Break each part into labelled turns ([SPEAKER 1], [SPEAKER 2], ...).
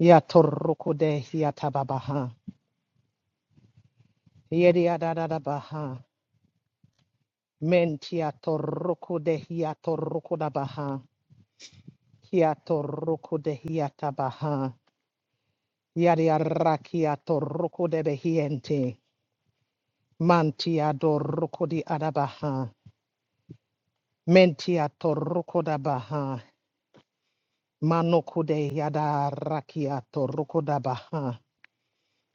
[SPEAKER 1] Yatorukode hiatababaha. Yediadadabaha. Mentiatorukude hiatorukudabaha. Hiatorukude hiatabaha. Yadiarakiatorukude behiente. Mantiadorukudi adabaha. Mentiatorukudabaha. Manokude yadarakiatorukudabaha.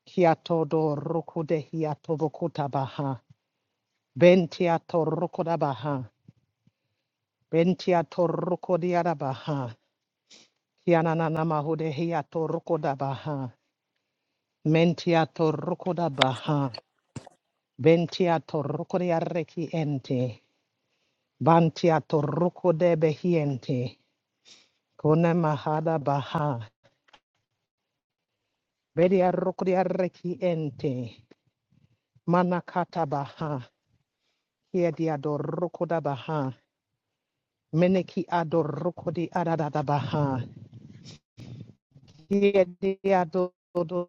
[SPEAKER 1] Hiatodorukude hiatobukutabaha. Bentiatorukudabaha. Bentia torruko diarabaha. Kianana mahudehia torruko dabaha. Mentia torruko dabaha. Bentia torruko diareki ente. Bantia torruko de behiente. Kone mahada baha. Bedia ruko diareki ente. Manakata baha. Kiedia dorruko dabaha. Meneki adorruko di adadadabaha. Kiedia do do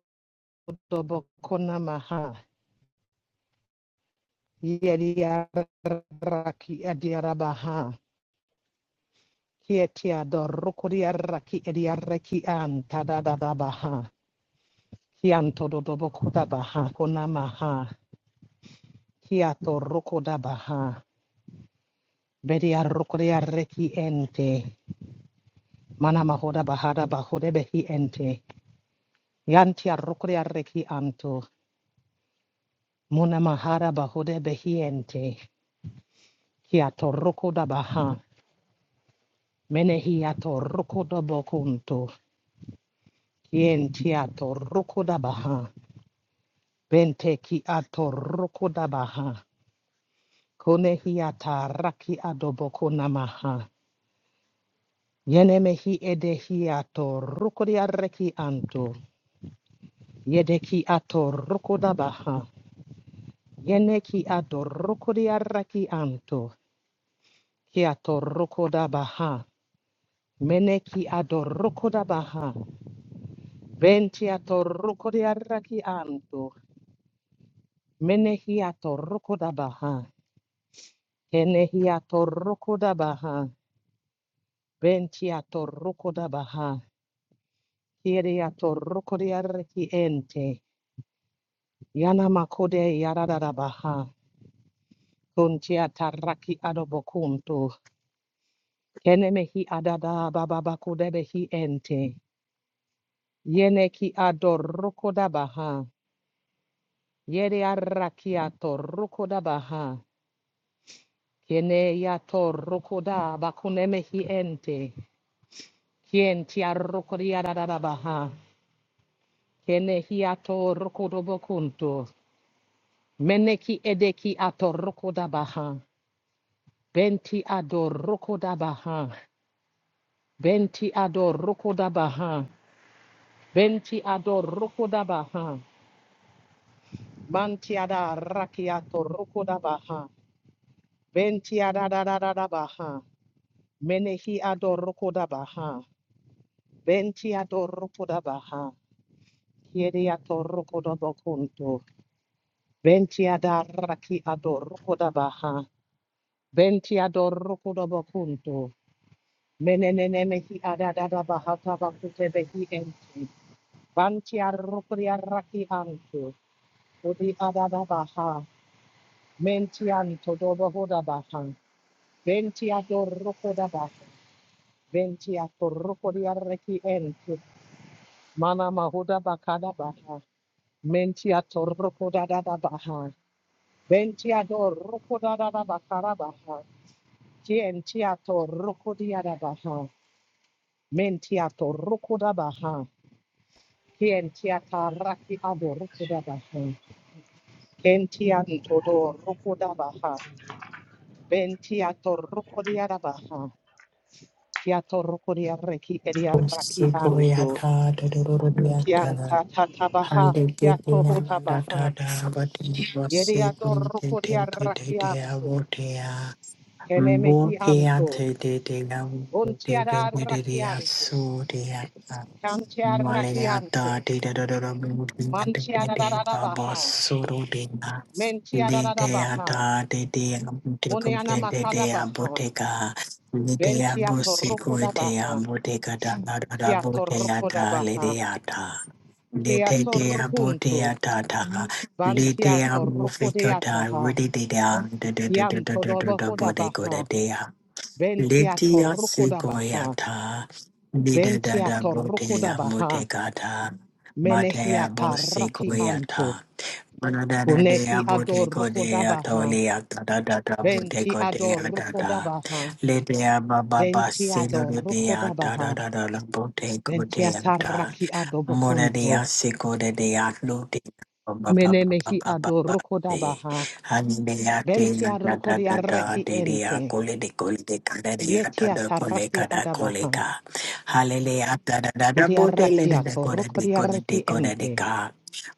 [SPEAKER 1] do bokona maha. Yediaraki adiarabaha. Kietia dorukuriaraki ediaraki antadadabaha. Kianto dodobokudabaha konamaha. Kiato rukudabaha. Bediarukuriaraki ente. Manamahoda bahada bahodebehi ente. Yantia rukuriaraki anto. Munamahada bahodebehi ente. Kiato rukudabaha. Menehiato rukudabokunto. Kien tia toroko da Bente ki a toroko da baha. Kone hi a taraki adoboko namaha. Yeneme hi ede anto. Yede ki a toroko da baha. Yene anto. Ki a toroko da baha. Mene Bente a toroko di anto. Menehi hi a Enehia torrokoda baha, bentia torrokoda baha, kieria torrokodia reki ente, yana makode yarada baha, kuntia tarraki adobokuntu, kenemehi adada bababakodebehi ente, yeneki adorrokoda baha, yeria rakia torrokoda baha, kene torrokoda bakunemehi ente, kientia rokodia baha. Kene hi ato rokodobo kunto. Meneki edeki ato rokodabaha. Benti ador rokodabaha. Benti ador rokodabaha. Benti ador rokodabaha. Manti ada raki rokodabaha. Benti ada da da da da baha. Menehi ador rokodabaha. Benti ador rokodabaha. Kiedi ato rokodobo kunto. Benti ada raki ador rokodabaha. Benti adoro kodo bakunto. Menenene mehi adadada bahata bakute behi enti. Banti arrukri arraki anto. Udi adada baha. Menti anto dobo hoda baha. Benti adoro koda baha. Benti adoro kodi arraki enti. Mana mahuda bakada baha. Menti adoro koda dada baha. Benti adoro koda dada bakara baha. Tienti adoro kodi adabaha. Mentiato rukudabaha. Kientiata raki abo rukudabaha. Kentianto do rukudabaha. Bentiato rukudiarabaha. Kiato rukudiareki ediaraki anto.
[SPEAKER 2] Sikoyata Dodoriata
[SPEAKER 1] Kianta tatabaha. Kiato
[SPEAKER 2] Handekitia Mandata
[SPEAKER 1] hotabaha.
[SPEAKER 2] but it was
[SPEAKER 1] Yediato
[SPEAKER 2] Sikumi
[SPEAKER 1] rukudiaraki
[SPEAKER 2] Tintia
[SPEAKER 1] anto. Kenemehi
[SPEAKER 2] Bokia
[SPEAKER 1] anto.
[SPEAKER 2] te de de la de de
[SPEAKER 1] Untiara
[SPEAKER 2] de de de a
[SPEAKER 1] rakianto.
[SPEAKER 2] su de a a
[SPEAKER 1] Kantiara
[SPEAKER 2] Malaya ta
[SPEAKER 1] rakianto.
[SPEAKER 2] de de de de de Mudinya de de
[SPEAKER 1] Mantiara
[SPEAKER 2] de ba ba
[SPEAKER 1] darabaha.
[SPEAKER 2] suru de na
[SPEAKER 1] Mentiara
[SPEAKER 2] de de a
[SPEAKER 1] darabaha.
[SPEAKER 2] ta de de a de kum
[SPEAKER 1] Moniana
[SPEAKER 2] de de de a
[SPEAKER 1] Makadabaha,
[SPEAKER 2] boteka de de a
[SPEAKER 1] Bentia
[SPEAKER 2] bosiku de a
[SPEAKER 1] Torrocodabaha,
[SPEAKER 2] boteka da da da da
[SPEAKER 1] Kia
[SPEAKER 2] botea ta bo te a ta le
[SPEAKER 1] Torrocodabaha,
[SPEAKER 2] de a ta de
[SPEAKER 1] Kia
[SPEAKER 2] de de a
[SPEAKER 1] Torrocunto,
[SPEAKER 2] botea ta ta
[SPEAKER 1] Bantia
[SPEAKER 2] Lidea mufikota
[SPEAKER 1] Torrocodeataha,
[SPEAKER 2] rididida
[SPEAKER 1] Yanto
[SPEAKER 2] Da
[SPEAKER 1] Dobahodabaha,
[SPEAKER 2] bodegodea.
[SPEAKER 1] Bentia
[SPEAKER 2] Lidia
[SPEAKER 1] Torrocodabaha,
[SPEAKER 2] sigoyata
[SPEAKER 1] Bentia
[SPEAKER 2] nidada botea
[SPEAKER 1] Torrocodabaha,
[SPEAKER 2] mutegata.
[SPEAKER 1] Menehia
[SPEAKER 2] Matea
[SPEAKER 1] Tarraki Anto,
[SPEAKER 2] bosigoyata. Manadada
[SPEAKER 1] Kuneki
[SPEAKER 2] dea bodegodea
[SPEAKER 1] Adorrocodabaha,
[SPEAKER 2] tolia tadada
[SPEAKER 1] Benti
[SPEAKER 2] bodegodea da. da.
[SPEAKER 1] Adorrocodabaha,
[SPEAKER 2] Lidea baba
[SPEAKER 1] Bentia
[SPEAKER 2] basilodea da da basiludea
[SPEAKER 1] Adorrocodabaha,
[SPEAKER 2] tadada
[SPEAKER 1] Bentia
[SPEAKER 2] bodegodea.
[SPEAKER 1] Tarraki
[SPEAKER 2] Mora de
[SPEAKER 1] Adobocunto.
[SPEAKER 2] asiko de de atlo de ba ba ba ba
[SPEAKER 1] Menemehi
[SPEAKER 2] ba ba ba de
[SPEAKER 1] adorokodabaha.
[SPEAKER 2] hanime ate na
[SPEAKER 1] Bentia
[SPEAKER 2] da da da da
[SPEAKER 1] rokodiareki
[SPEAKER 2] de de
[SPEAKER 1] ente.
[SPEAKER 2] akole de kole de kada de ata
[SPEAKER 1] Yetia
[SPEAKER 2] da kole
[SPEAKER 1] taraki
[SPEAKER 2] kada kole
[SPEAKER 1] adabaha.
[SPEAKER 2] ka halele ata da da da bote le de de
[SPEAKER 1] Kodiarakiato
[SPEAKER 2] kode de kode de
[SPEAKER 1] rokodiareki
[SPEAKER 2] kode de
[SPEAKER 1] ente.
[SPEAKER 2] ka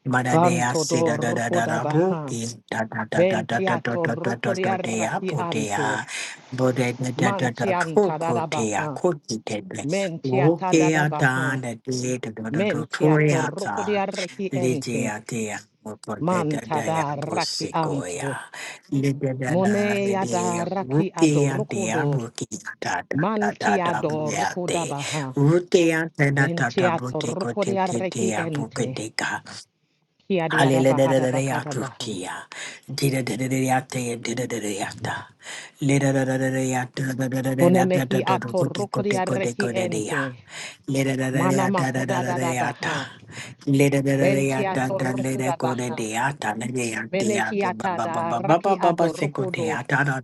[SPEAKER 2] mara de
[SPEAKER 1] Banto
[SPEAKER 2] ase
[SPEAKER 1] do
[SPEAKER 2] da da da da da bo
[SPEAKER 1] rokodabaha.
[SPEAKER 2] ki da da da da da da da
[SPEAKER 1] Bentiato
[SPEAKER 2] da da da da de a
[SPEAKER 1] rokodiaraki
[SPEAKER 2] bote
[SPEAKER 1] anto.
[SPEAKER 2] a bote da da da da ko
[SPEAKER 1] Mantianta
[SPEAKER 2] ko te a
[SPEAKER 1] dadabaha.
[SPEAKER 2] ko te de
[SPEAKER 1] Mentiata
[SPEAKER 2] Wokeata
[SPEAKER 1] dadabaha.
[SPEAKER 2] na de de do do do
[SPEAKER 1] Mentiato
[SPEAKER 2] toriata
[SPEAKER 1] rokodiareki ente.
[SPEAKER 2] ligiatia mopoteta
[SPEAKER 1] Manta
[SPEAKER 2] dia
[SPEAKER 1] da raki anto.
[SPEAKER 2] busicoia ligada
[SPEAKER 1] Mone
[SPEAKER 2] de
[SPEAKER 1] yada
[SPEAKER 2] de
[SPEAKER 1] raki
[SPEAKER 2] rukiatia
[SPEAKER 1] adorokodo.
[SPEAKER 2] rukiata da da da
[SPEAKER 1] Mantiado rukoda
[SPEAKER 2] buiate
[SPEAKER 1] baha.
[SPEAKER 2] rukiata na tata
[SPEAKER 1] Ventiato
[SPEAKER 2] butico
[SPEAKER 1] di arreki
[SPEAKER 2] tetia
[SPEAKER 1] ente.
[SPEAKER 2] bucateca
[SPEAKER 1] Kiadiada
[SPEAKER 2] halele de
[SPEAKER 1] bahada bakada baha.
[SPEAKER 2] dida de dida de Lida da da da da da da da
[SPEAKER 1] Kunemehi ato di arreki ente.
[SPEAKER 2] Leda da da
[SPEAKER 1] Mana
[SPEAKER 2] da da da da
[SPEAKER 1] makoda
[SPEAKER 2] da
[SPEAKER 1] dada
[SPEAKER 2] da da
[SPEAKER 1] baha.
[SPEAKER 2] Leda da. da da da
[SPEAKER 1] Ventiato
[SPEAKER 2] da leda
[SPEAKER 1] rukoda
[SPEAKER 2] ko de
[SPEAKER 1] baha.
[SPEAKER 2] de ata leda ya de ya ba ba
[SPEAKER 1] Menehiata
[SPEAKER 2] ba
[SPEAKER 1] da
[SPEAKER 2] ba ba
[SPEAKER 1] raki
[SPEAKER 2] ba ba ba
[SPEAKER 1] ado
[SPEAKER 2] se ko de
[SPEAKER 1] do,
[SPEAKER 2] ata da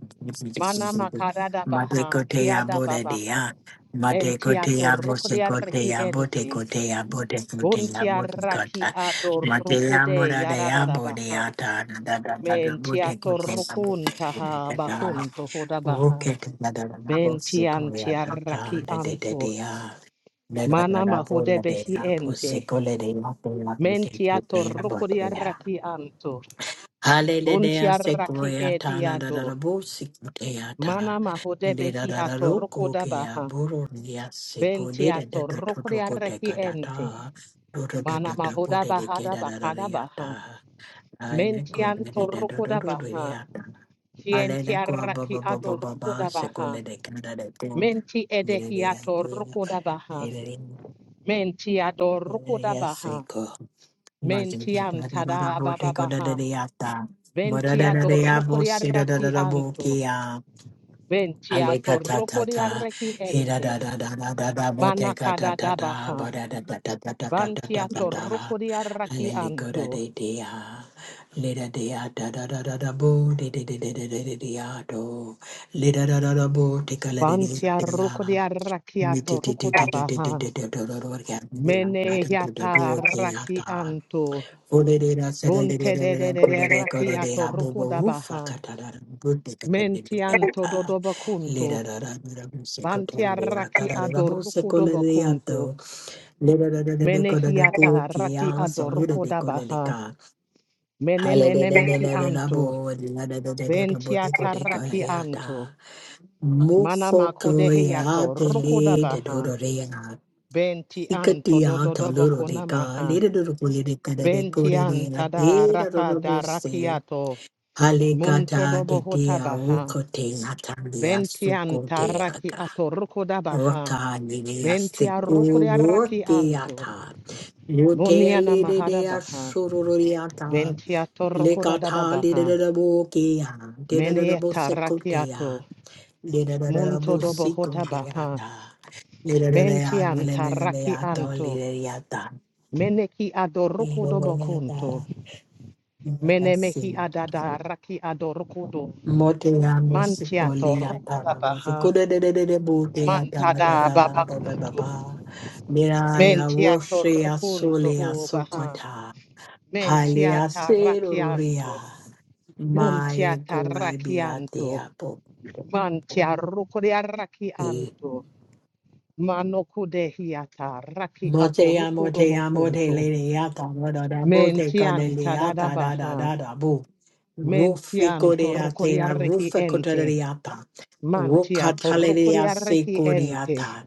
[SPEAKER 1] Mana makada da
[SPEAKER 2] ma de
[SPEAKER 1] baha.
[SPEAKER 2] ko de ya
[SPEAKER 1] Kiada
[SPEAKER 2] bo de de
[SPEAKER 1] babaha.
[SPEAKER 2] ya ma de ko de
[SPEAKER 1] Ventiato
[SPEAKER 2] ya bo
[SPEAKER 1] di
[SPEAKER 2] se ko de
[SPEAKER 1] arreki
[SPEAKER 2] ya bo de
[SPEAKER 1] ente.
[SPEAKER 2] ko de ya bo de ko de ya
[SPEAKER 1] Buntia
[SPEAKER 2] bo de ko
[SPEAKER 1] raki
[SPEAKER 2] ta
[SPEAKER 1] ado
[SPEAKER 2] ma de ya mo
[SPEAKER 1] de
[SPEAKER 2] da de
[SPEAKER 1] yarada
[SPEAKER 2] ya
[SPEAKER 1] da
[SPEAKER 2] bo de
[SPEAKER 1] baha.
[SPEAKER 2] ata da da da. da da bo
[SPEAKER 1] Mentia
[SPEAKER 2] de ko de ya bo de
[SPEAKER 1] torrucunta
[SPEAKER 2] ko de
[SPEAKER 1] ha
[SPEAKER 2] da da
[SPEAKER 1] bacunto hodabaha.
[SPEAKER 2] Okay. da da da da bo se ko ya
[SPEAKER 1] Bentiantia
[SPEAKER 2] ta ta
[SPEAKER 1] raki
[SPEAKER 2] de de de de
[SPEAKER 1] anto.
[SPEAKER 2] ya.
[SPEAKER 1] Mana
[SPEAKER 2] Hallelujah,
[SPEAKER 1] mahude behi ente. Mentia torrucuria raki anto. Untia raki
[SPEAKER 2] sequoia tana da da
[SPEAKER 1] ediado.
[SPEAKER 2] da bo sequoia
[SPEAKER 1] Mana
[SPEAKER 2] ta.
[SPEAKER 1] mahude
[SPEAKER 2] De da
[SPEAKER 1] behi
[SPEAKER 2] da da roko kea
[SPEAKER 1] atorrucodabaha.
[SPEAKER 2] buru nia seco de
[SPEAKER 1] Bentia
[SPEAKER 2] da da da
[SPEAKER 1] torrucuria
[SPEAKER 2] totoko
[SPEAKER 1] raki
[SPEAKER 2] teka da
[SPEAKER 1] ente.
[SPEAKER 2] ta. Do do do
[SPEAKER 1] Mana
[SPEAKER 2] do do bo
[SPEAKER 1] mahuda
[SPEAKER 2] de de ke
[SPEAKER 1] bahada
[SPEAKER 2] da da da
[SPEAKER 1] bacada
[SPEAKER 2] ria
[SPEAKER 1] baha.
[SPEAKER 2] I make good
[SPEAKER 1] Mentian
[SPEAKER 2] de da da do do do
[SPEAKER 1] torrucodabaha.
[SPEAKER 2] ria ta. Hallelujah,
[SPEAKER 1] Tientia
[SPEAKER 2] ba
[SPEAKER 1] raki
[SPEAKER 2] ba ba ba ba ba seco
[SPEAKER 1] adorrucodabaha.
[SPEAKER 2] le de ka da de ko.
[SPEAKER 1] Menti
[SPEAKER 2] Mira ria,
[SPEAKER 1] edehiato
[SPEAKER 2] mira.
[SPEAKER 1] rukoda baha. Menti ador rukoda baha.
[SPEAKER 2] Hallelujah,
[SPEAKER 1] Menti
[SPEAKER 2] Hallelujah.
[SPEAKER 1] antada baba baha. Venti ador rukoria raki anto. Venti ato rukoria reki ente. Manakada dabaha. Vanti ato rukoria raki anto. Vanti a rukoria raki ato rukoda baha. Mene yata raki anto.
[SPEAKER 2] Oderera
[SPEAKER 1] Bunte de de
[SPEAKER 2] sererererera
[SPEAKER 1] de de
[SPEAKER 2] korere
[SPEAKER 1] raki
[SPEAKER 2] korere
[SPEAKER 1] ato
[SPEAKER 2] abubu
[SPEAKER 1] rukoda
[SPEAKER 2] ufa
[SPEAKER 1] baha.
[SPEAKER 2] katarara bute katarere
[SPEAKER 1] Mentianto
[SPEAKER 2] yata lera
[SPEAKER 1] dodobacunto,
[SPEAKER 2] rara rara buse
[SPEAKER 1] bantia
[SPEAKER 2] kotorere yata
[SPEAKER 1] raki
[SPEAKER 2] rara rara buse
[SPEAKER 1] adorco
[SPEAKER 2] kolere
[SPEAKER 1] dobacunto,
[SPEAKER 2] yato lera rara rara korere
[SPEAKER 1] menehiata
[SPEAKER 2] kuki
[SPEAKER 1] raki
[SPEAKER 2] aso lera
[SPEAKER 1] adorco
[SPEAKER 2] de kolere
[SPEAKER 1] dabaha,
[SPEAKER 2] ka halere de
[SPEAKER 1] menenemeki
[SPEAKER 2] nene
[SPEAKER 1] anto,
[SPEAKER 2] nabu lera de rara te
[SPEAKER 1] bentiata
[SPEAKER 2] kote
[SPEAKER 1] raki
[SPEAKER 2] kore
[SPEAKER 1] anto,
[SPEAKER 2] ata mufo
[SPEAKER 1] manamaco
[SPEAKER 2] koya
[SPEAKER 1] dehiato roco
[SPEAKER 2] tele te
[SPEAKER 1] dabaha,
[SPEAKER 2] dorore yata
[SPEAKER 1] bentianto
[SPEAKER 2] Sikatiya thaloro deka,
[SPEAKER 1] dodobacunamaha,
[SPEAKER 2] lere doro kule deka deka kore deka,
[SPEAKER 1] bentianta da
[SPEAKER 2] lere
[SPEAKER 1] raka
[SPEAKER 2] doro
[SPEAKER 1] da
[SPEAKER 2] bose.
[SPEAKER 1] rakiato, munto
[SPEAKER 2] Halikata de dia
[SPEAKER 1] dobohotabaha,
[SPEAKER 2] rukote natandia suko
[SPEAKER 1] bentianta raki
[SPEAKER 2] deaga.
[SPEAKER 1] ato roco dabaha,
[SPEAKER 2] Raka nidia
[SPEAKER 1] Bentia
[SPEAKER 2] siku
[SPEAKER 1] rukuria raki anto.
[SPEAKER 2] rukiata. Rutea
[SPEAKER 1] Muniana mahada
[SPEAKER 2] lidea
[SPEAKER 1] baha.
[SPEAKER 2] sururiata.
[SPEAKER 1] Bentia torrukuda dada
[SPEAKER 2] Likata
[SPEAKER 1] baha.
[SPEAKER 2] lideda bukia. Dida
[SPEAKER 1] Menieta rakiato.
[SPEAKER 2] bosikotea. Dida
[SPEAKER 1] Munto dobo
[SPEAKER 2] bosiko
[SPEAKER 1] hota baha.
[SPEAKER 2] deata. Lideda
[SPEAKER 1] Mentianta raki
[SPEAKER 2] neleneata
[SPEAKER 1] anto.
[SPEAKER 2] lidiata.
[SPEAKER 1] Meneki adoruku dobo kunto.
[SPEAKER 2] Lidiata.
[SPEAKER 1] Menemehi
[SPEAKER 2] Lidiata.
[SPEAKER 1] adada raki adorukudo.
[SPEAKER 2] Motea
[SPEAKER 1] Mantia
[SPEAKER 2] musicolia
[SPEAKER 1] torrukuda
[SPEAKER 2] tana
[SPEAKER 1] baha.
[SPEAKER 2] musicuda de de de de botea tana da
[SPEAKER 1] Mantada
[SPEAKER 2] da
[SPEAKER 1] baba
[SPEAKER 2] ba ba ba
[SPEAKER 1] kunto.
[SPEAKER 2] ba. Miraya
[SPEAKER 1] Mentia
[SPEAKER 2] worshia
[SPEAKER 1] torrukunto
[SPEAKER 2] solia
[SPEAKER 1] ho baha.
[SPEAKER 2] socota.
[SPEAKER 1] Mentia
[SPEAKER 2] Halia seruria.
[SPEAKER 1] tarakianto. Muntia
[SPEAKER 2] My gorabia
[SPEAKER 1] tarrakianto,
[SPEAKER 2] teapo.
[SPEAKER 1] mantia rukuria rakianto, manokudehiata rakiato
[SPEAKER 2] Motea
[SPEAKER 1] rukudobo
[SPEAKER 2] motea
[SPEAKER 1] kunto,
[SPEAKER 2] motelea tana da da bote
[SPEAKER 1] mentianta
[SPEAKER 2] caneliata da da
[SPEAKER 1] dadabaha,
[SPEAKER 2] da da bo.
[SPEAKER 1] mentianto rukuria
[SPEAKER 2] Ruficodiatea
[SPEAKER 1] rekiente,
[SPEAKER 2] ruficodariata.
[SPEAKER 1] mantiato
[SPEAKER 2] Rucataleria
[SPEAKER 1] rukuria rekiente,
[SPEAKER 2] secodiata.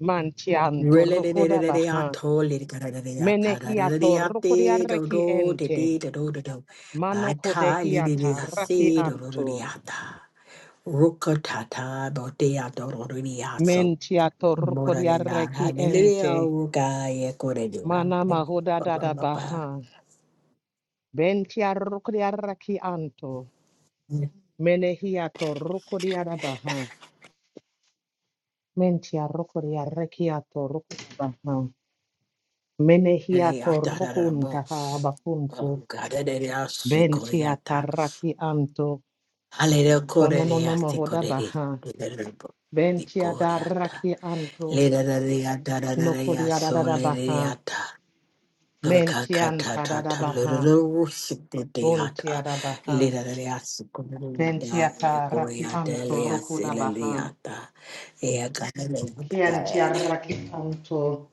[SPEAKER 1] mantianto
[SPEAKER 2] Hallelujah.
[SPEAKER 1] rukudabaha, menehiato rukuria rekiente, manokudehiata rakianto, mentiato rukuria rekiente, Mana mahoda dada baha. Bentia rokodia raki anto. Menehiato rokodia da baha. Mentia rokodia rekiato rokodia baha. Menehiato rokuntaha bakunto. Bentia taraki anto. Kononono mahoda baha. Bentia da raki anto.
[SPEAKER 2] Lerarea dararea
[SPEAKER 1] Nokodia da da baha.
[SPEAKER 2] solereata.
[SPEAKER 1] Mentianta da da
[SPEAKER 2] Ankakatata
[SPEAKER 1] baha. Buntia
[SPEAKER 2] lurusitata.
[SPEAKER 1] da baha.
[SPEAKER 2] Lerarea
[SPEAKER 1] Bentia
[SPEAKER 2] sucumunda.
[SPEAKER 1] taraki
[SPEAKER 2] Goya
[SPEAKER 1] anto
[SPEAKER 2] delia
[SPEAKER 1] rokoda baha.
[SPEAKER 2] sileliata.
[SPEAKER 1] Chianti
[SPEAKER 2] Eagalea.
[SPEAKER 1] arraki anto,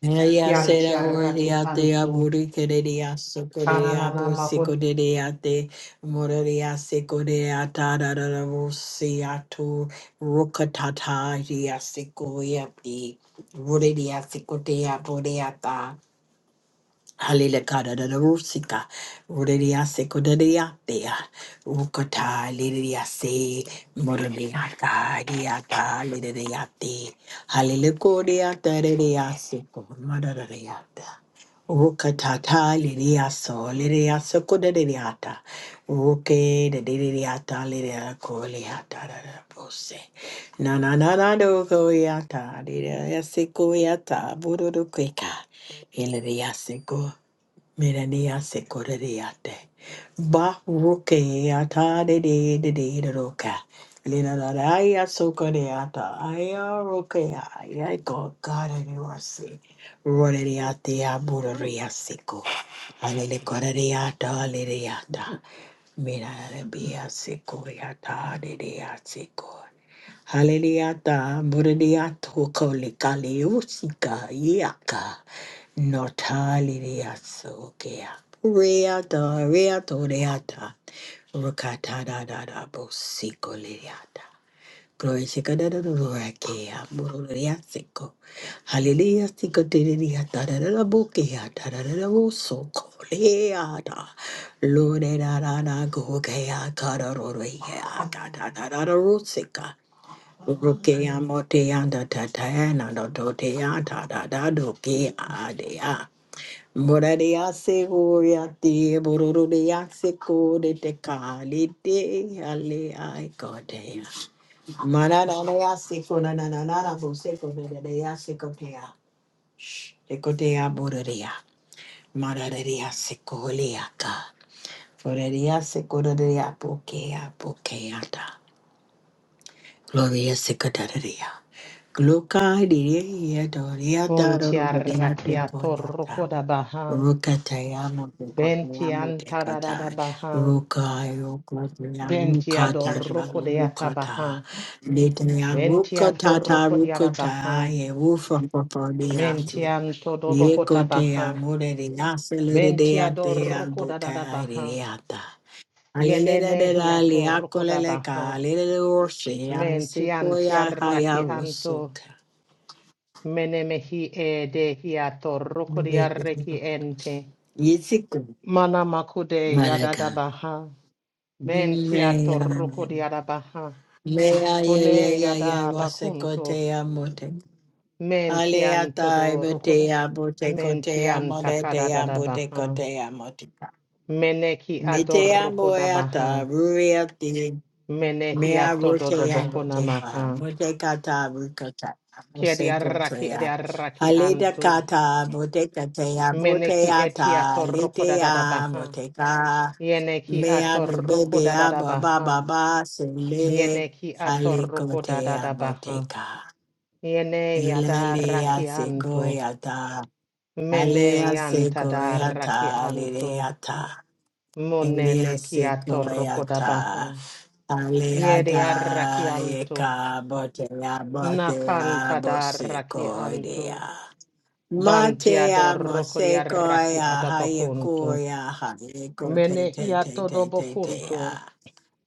[SPEAKER 2] Ella
[SPEAKER 1] chianti
[SPEAKER 2] será
[SPEAKER 1] arraki
[SPEAKER 2] ordiate a
[SPEAKER 1] anto,
[SPEAKER 2] buriqueria, socorea,
[SPEAKER 1] kananana maho,
[SPEAKER 2] bosicodeate, moraria, secorea, tararabosiato, rucatata, dia secoia, di, buridia, secotea, boreata. Halila kada da da rusika, roderia se kodaria dea, rukata lidia se, moralia kadia ta lidia te, halila kodia taria se, madadaria ta. Rukata ta lidia so, lidia se kodaria ta, ruke da lidia ta lidia kolia ta da da pose. Na na na na do koya ta, lidia se koya ta, burudu kweka, lidia se go. Mirania sekoreriate. Ba rukeata de de de de de roka. Lina da aya sokoreata. Aya rokea. Aya go God of mercy. Roderiatea bureria seko. Alele koreriata aleriata. Mira bia sekoriata de de seko. Hallelujah, Muradiato Kolikaliosika Yaka Notalidia Sokia Reata Reato Reata Rukata da da da Bosiko Lidiata Glory Sika da da da Rakia Muradiasiko Hallelujah Sika Didia da da da da Bokia da da da da Boso Koliata Lord da da da Gokea Kara Rorea da da da da Rosika Ruke amo te anda tata na do do te ata da da do ke a de a. se go ya te bororo de se ko de te ka le te a le a e ko te na na se ko na na na na na se ko de de de a se ko te a. Te ko te a boro se ko le a se ko de de a po Gloria Secretaria. Gloca diria doria da
[SPEAKER 1] unti
[SPEAKER 2] rodea
[SPEAKER 1] arraki
[SPEAKER 2] de coniata.
[SPEAKER 1] atorroko da baha,
[SPEAKER 2] Ruka tayamo de
[SPEAKER 1] benti
[SPEAKER 2] cotayamo de
[SPEAKER 1] antarada da
[SPEAKER 2] cata.
[SPEAKER 1] baha,
[SPEAKER 2] Ruka yoga
[SPEAKER 1] benti
[SPEAKER 2] ruka da
[SPEAKER 1] adorroko de
[SPEAKER 2] ruka ta.
[SPEAKER 1] atabaha,
[SPEAKER 2] Litania
[SPEAKER 1] benti
[SPEAKER 2] ruka tata
[SPEAKER 1] atorroko de
[SPEAKER 2] ruka ta.
[SPEAKER 1] arabaha,
[SPEAKER 2] Ye woofa
[SPEAKER 1] menti
[SPEAKER 2] popodiante.
[SPEAKER 1] anto
[SPEAKER 2] Ye
[SPEAKER 1] dobokota
[SPEAKER 2] cotea
[SPEAKER 1] baha,
[SPEAKER 2] mure de nacelere
[SPEAKER 1] benti
[SPEAKER 2] de atea
[SPEAKER 1] adorroko da da da baha,
[SPEAKER 2] bucae
[SPEAKER 1] yenene
[SPEAKER 2] Alelelelelele,
[SPEAKER 1] hiatorroko da
[SPEAKER 2] akoleleka,
[SPEAKER 1] baha,
[SPEAKER 2] alelelorse,
[SPEAKER 1] menti anti
[SPEAKER 2] yansikoya,
[SPEAKER 1] arraki anto,
[SPEAKER 2] hayawosoka.
[SPEAKER 1] Menemehi e de hiato rukuriareki ente.
[SPEAKER 2] Yitsiku,
[SPEAKER 1] Mana makude yadada
[SPEAKER 2] maraga.
[SPEAKER 1] baha.
[SPEAKER 2] Meya,
[SPEAKER 1] Bentiato rukuriada baha.
[SPEAKER 2] meya, ya, ya,
[SPEAKER 1] kone
[SPEAKER 2] ya, ya,
[SPEAKER 1] yada bakunto.
[SPEAKER 2] wasekote, ya, mote.
[SPEAKER 1] Mentianto
[SPEAKER 2] Aleata,
[SPEAKER 1] do
[SPEAKER 2] ibete,
[SPEAKER 1] rukuda.
[SPEAKER 2] ya, bote, kote, ya,
[SPEAKER 1] Mentianta
[SPEAKER 2] modete, ya,
[SPEAKER 1] kadada
[SPEAKER 2] bote,
[SPEAKER 1] baha.
[SPEAKER 2] kote, ya, motika.
[SPEAKER 1] Meneki
[SPEAKER 2] Mite,
[SPEAKER 1] ador
[SPEAKER 2] ya,
[SPEAKER 1] rukuda baha.
[SPEAKER 2] moyata, Mea
[SPEAKER 1] Menehiato do do
[SPEAKER 2] rotea
[SPEAKER 1] bokuna
[SPEAKER 2] roteha,
[SPEAKER 1] maha.
[SPEAKER 2] mote kata rukata,
[SPEAKER 1] Kiedi
[SPEAKER 2] mose
[SPEAKER 1] arraki edi
[SPEAKER 2] rotea.
[SPEAKER 1] arraki
[SPEAKER 2] Haleda
[SPEAKER 1] antu.
[SPEAKER 2] kata, mote katea,
[SPEAKER 1] Meneki
[SPEAKER 2] mote
[SPEAKER 1] etiato
[SPEAKER 2] ata,
[SPEAKER 1] rukuda dada
[SPEAKER 2] letea,
[SPEAKER 1] baha.
[SPEAKER 2] mote ka.
[SPEAKER 1] Yeneki
[SPEAKER 2] Mea du
[SPEAKER 1] atoroko
[SPEAKER 2] baby
[SPEAKER 1] da da
[SPEAKER 2] a
[SPEAKER 1] da
[SPEAKER 2] baba
[SPEAKER 1] baha.
[SPEAKER 2] baba, sele,
[SPEAKER 1] Yeneki
[SPEAKER 2] hale
[SPEAKER 1] atoroko da da
[SPEAKER 2] kotea,
[SPEAKER 1] da
[SPEAKER 2] mote
[SPEAKER 1] baha.
[SPEAKER 2] ka.
[SPEAKER 1] Yene
[SPEAKER 2] Ilalea
[SPEAKER 1] yadaraki anto.
[SPEAKER 2] segoyata,
[SPEAKER 1] Mene
[SPEAKER 2] alea
[SPEAKER 1] yanta daraki
[SPEAKER 2] segoyata,
[SPEAKER 1] anto.
[SPEAKER 2] leleata,
[SPEAKER 1] Monene
[SPEAKER 2] elea
[SPEAKER 1] ki atoroko da baha.
[SPEAKER 2] segoyata.
[SPEAKER 1] Yeri
[SPEAKER 2] Aleada
[SPEAKER 1] araki anto.
[SPEAKER 2] eka botea botea
[SPEAKER 1] Nakanta daraki anto.
[SPEAKER 2] bosekoidea.
[SPEAKER 1] Banti
[SPEAKER 2] Matea
[SPEAKER 1] adoroko di araki
[SPEAKER 2] mosekoia
[SPEAKER 1] adabakonto.
[SPEAKER 2] hayekoia hayeko te te
[SPEAKER 1] Menehia
[SPEAKER 2] te
[SPEAKER 1] todo
[SPEAKER 2] te te
[SPEAKER 1] bocunto.
[SPEAKER 2] tea.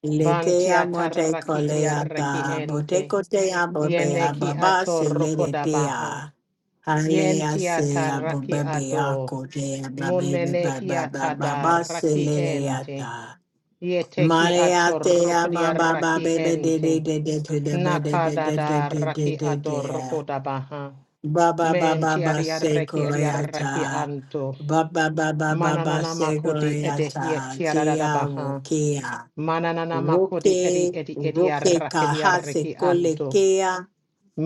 [SPEAKER 2] Letea
[SPEAKER 1] Bantia tarraki riarraki
[SPEAKER 2] motekoleata
[SPEAKER 1] ente.
[SPEAKER 2] botekotea bobea
[SPEAKER 1] Yeneki
[SPEAKER 2] baba
[SPEAKER 1] atorroko da baha.
[SPEAKER 2] seletea. Alea
[SPEAKER 1] Yentia
[SPEAKER 2] sea
[SPEAKER 1] tarraki ado.
[SPEAKER 2] bobebea kotea babi
[SPEAKER 1] Monenehia
[SPEAKER 2] baba baba
[SPEAKER 1] tadarraki ente.
[SPEAKER 2] seleata.
[SPEAKER 1] Yeteki
[SPEAKER 2] Mare ate ama
[SPEAKER 1] atorokodiya
[SPEAKER 2] baba
[SPEAKER 1] raki
[SPEAKER 2] bebe de
[SPEAKER 1] ente.
[SPEAKER 2] de de de de de de de de
[SPEAKER 1] Nakadada
[SPEAKER 2] de de de
[SPEAKER 1] raki
[SPEAKER 2] de de de
[SPEAKER 1] adorokodabaha.
[SPEAKER 2] Baba baba
[SPEAKER 1] Menti
[SPEAKER 2] baba
[SPEAKER 1] adiareki adiareki
[SPEAKER 2] sekoyata
[SPEAKER 1] anto.
[SPEAKER 2] Baba baba baba
[SPEAKER 1] Mananana makudi edehiye
[SPEAKER 2] sekoyata Tia
[SPEAKER 1] tiaradabaha.
[SPEAKER 2] wukia
[SPEAKER 1] Mananana makudi edi
[SPEAKER 2] Wuke
[SPEAKER 1] edi
[SPEAKER 2] Wuke
[SPEAKER 1] ediareki
[SPEAKER 2] kaha
[SPEAKER 1] adiareki
[SPEAKER 2] kolekea
[SPEAKER 1] anto.
[SPEAKER 2] kea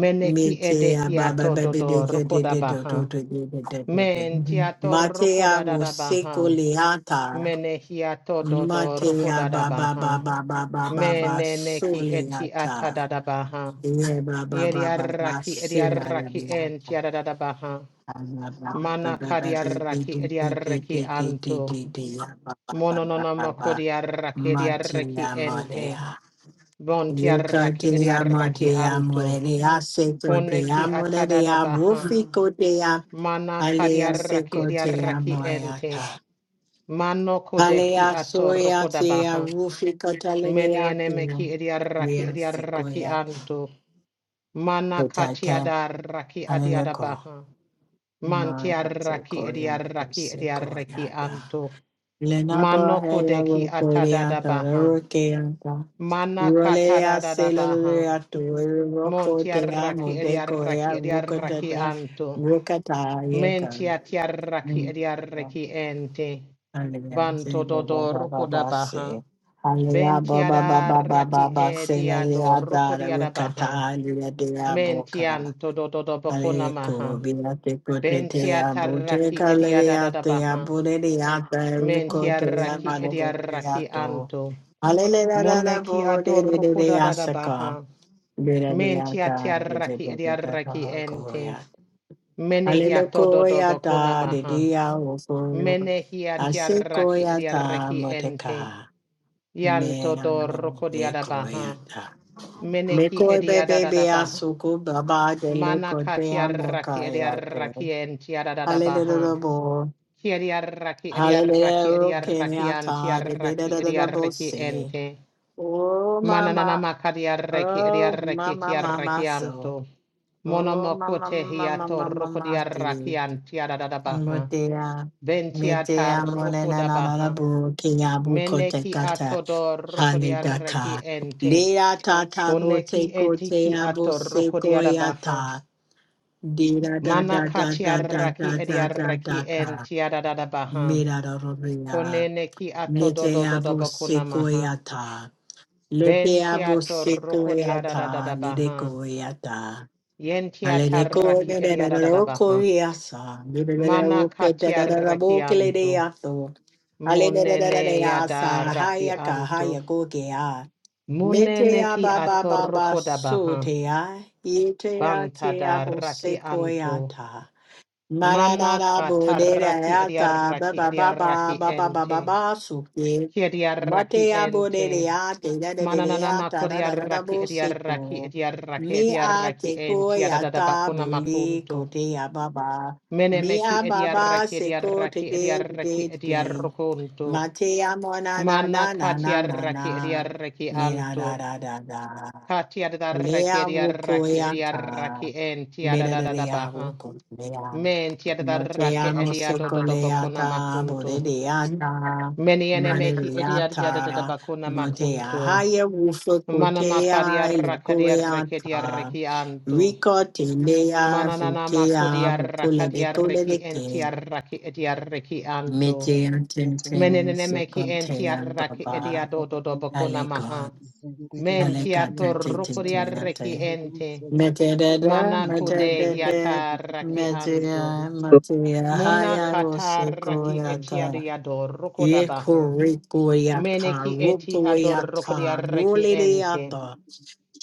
[SPEAKER 1] Meneki
[SPEAKER 2] Mitea baba
[SPEAKER 1] edehiato
[SPEAKER 2] bebe de de de de de de
[SPEAKER 1] dodorokodabaha.
[SPEAKER 2] de de de de de de
[SPEAKER 1] Mentia torco
[SPEAKER 2] Matea
[SPEAKER 1] da da da baha.
[SPEAKER 2] wusekoleata
[SPEAKER 1] Menehia todo dorco
[SPEAKER 2] Matea
[SPEAKER 1] da da
[SPEAKER 2] ba ba ba
[SPEAKER 1] baha.
[SPEAKER 2] ba ba ba ba ba
[SPEAKER 1] Meneneki eti ata
[SPEAKER 2] soliata.
[SPEAKER 1] da da baha.
[SPEAKER 2] Ye ba ba ba ba ba
[SPEAKER 1] Yeriaraki eriaraki
[SPEAKER 2] silariata.
[SPEAKER 1] entia da da da baha.
[SPEAKER 2] Ba ba
[SPEAKER 1] Mana
[SPEAKER 2] ba ba ba ba ba do
[SPEAKER 1] kariaraki
[SPEAKER 2] do do do
[SPEAKER 1] eriaraki
[SPEAKER 2] do do
[SPEAKER 1] anto.
[SPEAKER 2] do do ya ba ba ba ba ba
[SPEAKER 1] Monononama
[SPEAKER 2] ba.
[SPEAKER 1] kodiaraki eriaraki
[SPEAKER 2] Matea
[SPEAKER 1] ente.
[SPEAKER 2] morea.
[SPEAKER 1] Bontiaraki
[SPEAKER 2] Yekatea
[SPEAKER 1] eriaraki
[SPEAKER 2] matea
[SPEAKER 1] anto.
[SPEAKER 2] morea
[SPEAKER 1] Koneki
[SPEAKER 2] sekotea
[SPEAKER 1] ata da da
[SPEAKER 2] morea
[SPEAKER 1] baha.
[SPEAKER 2] rufi kotea
[SPEAKER 1] Mana
[SPEAKER 2] alea
[SPEAKER 1] kariaraki
[SPEAKER 2] sekotea
[SPEAKER 1] eriaraki
[SPEAKER 2] moeata.
[SPEAKER 1] ente. Mano kodeki
[SPEAKER 2] Alea soya
[SPEAKER 1] atoroko da
[SPEAKER 2] tea
[SPEAKER 1] baha.
[SPEAKER 2] rufi
[SPEAKER 1] Meni
[SPEAKER 2] katalea tea.
[SPEAKER 1] enemeki ediaraki
[SPEAKER 2] Rea
[SPEAKER 1] ediaraki
[SPEAKER 2] sequoia
[SPEAKER 1] anto. Mana
[SPEAKER 2] tetata.
[SPEAKER 1] katiada raki adiada
[SPEAKER 2] Aleko.
[SPEAKER 1] baha.
[SPEAKER 2] Mara
[SPEAKER 1] Mantiaraki
[SPEAKER 2] sequoia te
[SPEAKER 1] ediaraki ediaraki
[SPEAKER 2] sequoia da.
[SPEAKER 1] anto.
[SPEAKER 2] Lenapa
[SPEAKER 1] Mano
[SPEAKER 2] hea
[SPEAKER 1] kodeki atada
[SPEAKER 2] rocoria
[SPEAKER 1] da
[SPEAKER 2] tararokeanta.
[SPEAKER 1] Mana
[SPEAKER 2] Rolea
[SPEAKER 1] katada da da baha.
[SPEAKER 2] celularia to roco te amo
[SPEAKER 1] Montiaraki ediaraki
[SPEAKER 2] decoria
[SPEAKER 1] ediaraki
[SPEAKER 2] rucatata
[SPEAKER 1] anto.
[SPEAKER 2] rucata yeta.
[SPEAKER 1] Mentiatiaraki ediaraki ente.
[SPEAKER 2] Hallelujah,
[SPEAKER 1] Banto
[SPEAKER 2] ba ba ba ba
[SPEAKER 1] dodoroko da
[SPEAKER 2] ba say.
[SPEAKER 1] baha.
[SPEAKER 2] Hallelujah, ba ba ba
[SPEAKER 1] Bentiada raki e
[SPEAKER 2] say.
[SPEAKER 1] diado
[SPEAKER 2] Hallelujah, da
[SPEAKER 1] rukuriada
[SPEAKER 2] rukata,
[SPEAKER 1] baha.
[SPEAKER 2] Alia de boka,
[SPEAKER 1] Mentianto dododo bocona
[SPEAKER 2] Alia ko
[SPEAKER 1] maha.
[SPEAKER 2] bilate kote te
[SPEAKER 1] Bentiata
[SPEAKER 2] abute
[SPEAKER 1] raki e diada da
[SPEAKER 2] kaleya
[SPEAKER 1] da
[SPEAKER 2] te
[SPEAKER 1] baha.
[SPEAKER 2] abure de ata riko
[SPEAKER 1] Mentia
[SPEAKER 2] te
[SPEAKER 1] raki e
[SPEAKER 2] amane
[SPEAKER 1] dia
[SPEAKER 2] de
[SPEAKER 1] raki
[SPEAKER 2] ato.
[SPEAKER 1] anto.
[SPEAKER 2] Alia la la da
[SPEAKER 1] Moneki
[SPEAKER 2] bo de
[SPEAKER 1] ador
[SPEAKER 2] de de de
[SPEAKER 1] rukuda da da da
[SPEAKER 2] asaka.
[SPEAKER 1] baha.
[SPEAKER 2] De de de
[SPEAKER 1] Mentia
[SPEAKER 2] ata
[SPEAKER 1] tia
[SPEAKER 2] de de
[SPEAKER 1] raki
[SPEAKER 2] de
[SPEAKER 1] e
[SPEAKER 2] de
[SPEAKER 1] dia
[SPEAKER 2] da
[SPEAKER 1] raki ente.
[SPEAKER 2] da
[SPEAKER 1] Menehia todo do do
[SPEAKER 2] Hallelujah,
[SPEAKER 1] bocona
[SPEAKER 2] da de
[SPEAKER 1] maha.
[SPEAKER 2] dia ofo.
[SPEAKER 1] Menehia tia raki e dia
[SPEAKER 2] Asekoyata
[SPEAKER 1] raki ente.
[SPEAKER 2] moteka. Me
[SPEAKER 1] Yanto do rukudiada baha.
[SPEAKER 2] ekoyata. Me
[SPEAKER 1] Meneki
[SPEAKER 2] koy bebe be
[SPEAKER 1] ediadadadabaha.
[SPEAKER 2] asuku baba de le
[SPEAKER 1] Mana
[SPEAKER 2] kote
[SPEAKER 1] katiaraki
[SPEAKER 2] amokayate.
[SPEAKER 1] ediaraki entiadadadabaha.
[SPEAKER 2] Hallelujah, bo.
[SPEAKER 1] Kiediaraki ediaraki
[SPEAKER 2] Hallelujah,
[SPEAKER 1] ediaraki
[SPEAKER 2] kenyata de de de
[SPEAKER 1] antiaraki
[SPEAKER 2] de de de bo
[SPEAKER 1] ediaraki
[SPEAKER 2] se.
[SPEAKER 1] ente.
[SPEAKER 2] Oh mama,
[SPEAKER 1] Manananama kadiaraki
[SPEAKER 2] oh
[SPEAKER 1] ediaraki
[SPEAKER 2] mama mama
[SPEAKER 1] tiaraki
[SPEAKER 2] so.
[SPEAKER 1] anto.
[SPEAKER 2] Oh
[SPEAKER 1] Monomoko
[SPEAKER 2] mama mama
[SPEAKER 1] tehiato
[SPEAKER 2] mama mama
[SPEAKER 1] rokodiaraki antiadadadabaha.
[SPEAKER 2] Mutea,
[SPEAKER 1] Ventiata
[SPEAKER 2] Netea, Monena, Nana,
[SPEAKER 1] rokodabaha.
[SPEAKER 2] Burukia, Bukote,
[SPEAKER 1] Meneki
[SPEAKER 2] Kata,
[SPEAKER 1] atodor rokodiaraki
[SPEAKER 2] Hanidaka,
[SPEAKER 1] ente.
[SPEAKER 2] Lea, Tata,
[SPEAKER 1] Koneki
[SPEAKER 2] Bote,
[SPEAKER 1] etiki
[SPEAKER 2] Kotea,
[SPEAKER 1] ato
[SPEAKER 2] Bose,
[SPEAKER 1] rokodiadabaha.
[SPEAKER 2] Koyata, Dira, Da,
[SPEAKER 1] Mana
[SPEAKER 2] Da, Da, Da, Da,
[SPEAKER 1] katiaraki
[SPEAKER 2] Da, Da, Da, Da,
[SPEAKER 1] ediaraki en
[SPEAKER 2] Da,
[SPEAKER 1] tiadada baha.
[SPEAKER 2] Mira, Da, Rovia,
[SPEAKER 1] Konene ki ato do do do
[SPEAKER 2] Netea,
[SPEAKER 1] do
[SPEAKER 2] Bose,
[SPEAKER 1] bakuna maha.
[SPEAKER 2] Koyata,
[SPEAKER 1] Ben
[SPEAKER 2] Letea,
[SPEAKER 1] tiato
[SPEAKER 2] Bose,
[SPEAKER 1] roko
[SPEAKER 2] Koyata,
[SPEAKER 1] diadada
[SPEAKER 2] Lede,
[SPEAKER 1] baha.
[SPEAKER 2] Koyata.
[SPEAKER 1] Yen
[SPEAKER 2] Aleneko de ko
[SPEAKER 1] tiataraki
[SPEAKER 2] de de de
[SPEAKER 1] ediadada
[SPEAKER 2] roko
[SPEAKER 1] baha.
[SPEAKER 2] yasa, de de de de
[SPEAKER 1] Mana
[SPEAKER 2] roke de de de de
[SPEAKER 1] katiaraki
[SPEAKER 2] boke le de
[SPEAKER 1] anto.
[SPEAKER 2] yaso. Ale de de de de de
[SPEAKER 1] Munene yada
[SPEAKER 2] yasa,
[SPEAKER 1] raki
[SPEAKER 2] haya ka
[SPEAKER 1] anto.
[SPEAKER 2] haya ko ke ya. Mete
[SPEAKER 1] Munene
[SPEAKER 2] ya
[SPEAKER 1] ki
[SPEAKER 2] ba ba
[SPEAKER 1] ato
[SPEAKER 2] ba ba
[SPEAKER 1] roko da
[SPEAKER 2] so
[SPEAKER 1] baha.
[SPEAKER 2] te ya, yete ya te ya
[SPEAKER 1] Bantada
[SPEAKER 2] bo se
[SPEAKER 1] raki
[SPEAKER 2] ko ya
[SPEAKER 1] anto.
[SPEAKER 2] ta.
[SPEAKER 1] Mana
[SPEAKER 2] Mararara
[SPEAKER 1] kataraki
[SPEAKER 2] borereata
[SPEAKER 1] ediaraki
[SPEAKER 2] baba baba
[SPEAKER 1] ediaraki
[SPEAKER 2] baba baba
[SPEAKER 1] ente.
[SPEAKER 2] basuke.
[SPEAKER 1] Kia diarraki
[SPEAKER 2] Matea
[SPEAKER 1] ente.
[SPEAKER 2] borereate da da da
[SPEAKER 1] Mananana
[SPEAKER 2] da ta da da da da
[SPEAKER 1] makodiarraki ediarraki
[SPEAKER 2] boseko.
[SPEAKER 1] ediarraki
[SPEAKER 2] Mi a
[SPEAKER 1] ediarraki
[SPEAKER 2] te
[SPEAKER 1] ente adadada
[SPEAKER 2] koyata
[SPEAKER 1] bakuna
[SPEAKER 2] buli
[SPEAKER 1] makunto.
[SPEAKER 2] kotea baba. Mi
[SPEAKER 1] Menemeki
[SPEAKER 2] a baba
[SPEAKER 1] ediarraki
[SPEAKER 2] seko te
[SPEAKER 1] ediarraki
[SPEAKER 2] de de
[SPEAKER 1] ediarraki
[SPEAKER 2] de. de.
[SPEAKER 1] ediarrokunto.
[SPEAKER 2] Matea mona na
[SPEAKER 1] Mana
[SPEAKER 2] na na na na
[SPEAKER 1] katiarraki
[SPEAKER 2] na.
[SPEAKER 1] ediarraki
[SPEAKER 2] Mi na
[SPEAKER 1] anto.
[SPEAKER 2] da da da da.
[SPEAKER 1] Katiadarraki
[SPEAKER 2] Lea
[SPEAKER 1] ediarraki ediarraki
[SPEAKER 2] wukoyata.
[SPEAKER 1] ente
[SPEAKER 2] Mira da da
[SPEAKER 1] adadada
[SPEAKER 2] da
[SPEAKER 1] baha.
[SPEAKER 2] wukoyata.
[SPEAKER 1] Men tiadarraki
[SPEAKER 2] Moteamo
[SPEAKER 1] ediadodo bakuna
[SPEAKER 2] secoleata,
[SPEAKER 1] makunto.
[SPEAKER 2] boredeata,
[SPEAKER 1] Many enemehi ediad yadada
[SPEAKER 2] mareata,
[SPEAKER 1] bakuna
[SPEAKER 2] motea
[SPEAKER 1] makunto.
[SPEAKER 2] haya woofa
[SPEAKER 1] Mana makadia
[SPEAKER 2] cotea,
[SPEAKER 1] rakadia rekedia
[SPEAKER 2] locoeata,
[SPEAKER 1] rekianto.
[SPEAKER 2] rico telea,
[SPEAKER 1] Mananana
[SPEAKER 2] frikea,
[SPEAKER 1] makudia
[SPEAKER 2] vocule de
[SPEAKER 1] rakadia
[SPEAKER 2] cole de
[SPEAKER 1] reki entia
[SPEAKER 2] kin,
[SPEAKER 1] raki edia rekianto.
[SPEAKER 3] Thank you.
[SPEAKER 2] metean tintin,
[SPEAKER 1] Menenemeki entia
[SPEAKER 2] secontean
[SPEAKER 1] raki edia
[SPEAKER 2] baba,
[SPEAKER 1] dodo bakuna
[SPEAKER 2] alegon,
[SPEAKER 1] maha. Mentia
[SPEAKER 2] alegata
[SPEAKER 1] torrukuria reki
[SPEAKER 2] tintinate.
[SPEAKER 1] ente.
[SPEAKER 2] Metadada,
[SPEAKER 1] Mana kude
[SPEAKER 2] metadada,
[SPEAKER 1] hiata raki anto.
[SPEAKER 2] metia, metia,
[SPEAKER 1] Mona
[SPEAKER 2] haya
[SPEAKER 1] kata raki etia
[SPEAKER 2] osikoyata,
[SPEAKER 1] diado rukodabaha.
[SPEAKER 2] yekorikoyata,
[SPEAKER 1] Meneki eti adorokodi
[SPEAKER 2] rukoyata,
[SPEAKER 1] arreki ente.
[SPEAKER 2] rulidiata,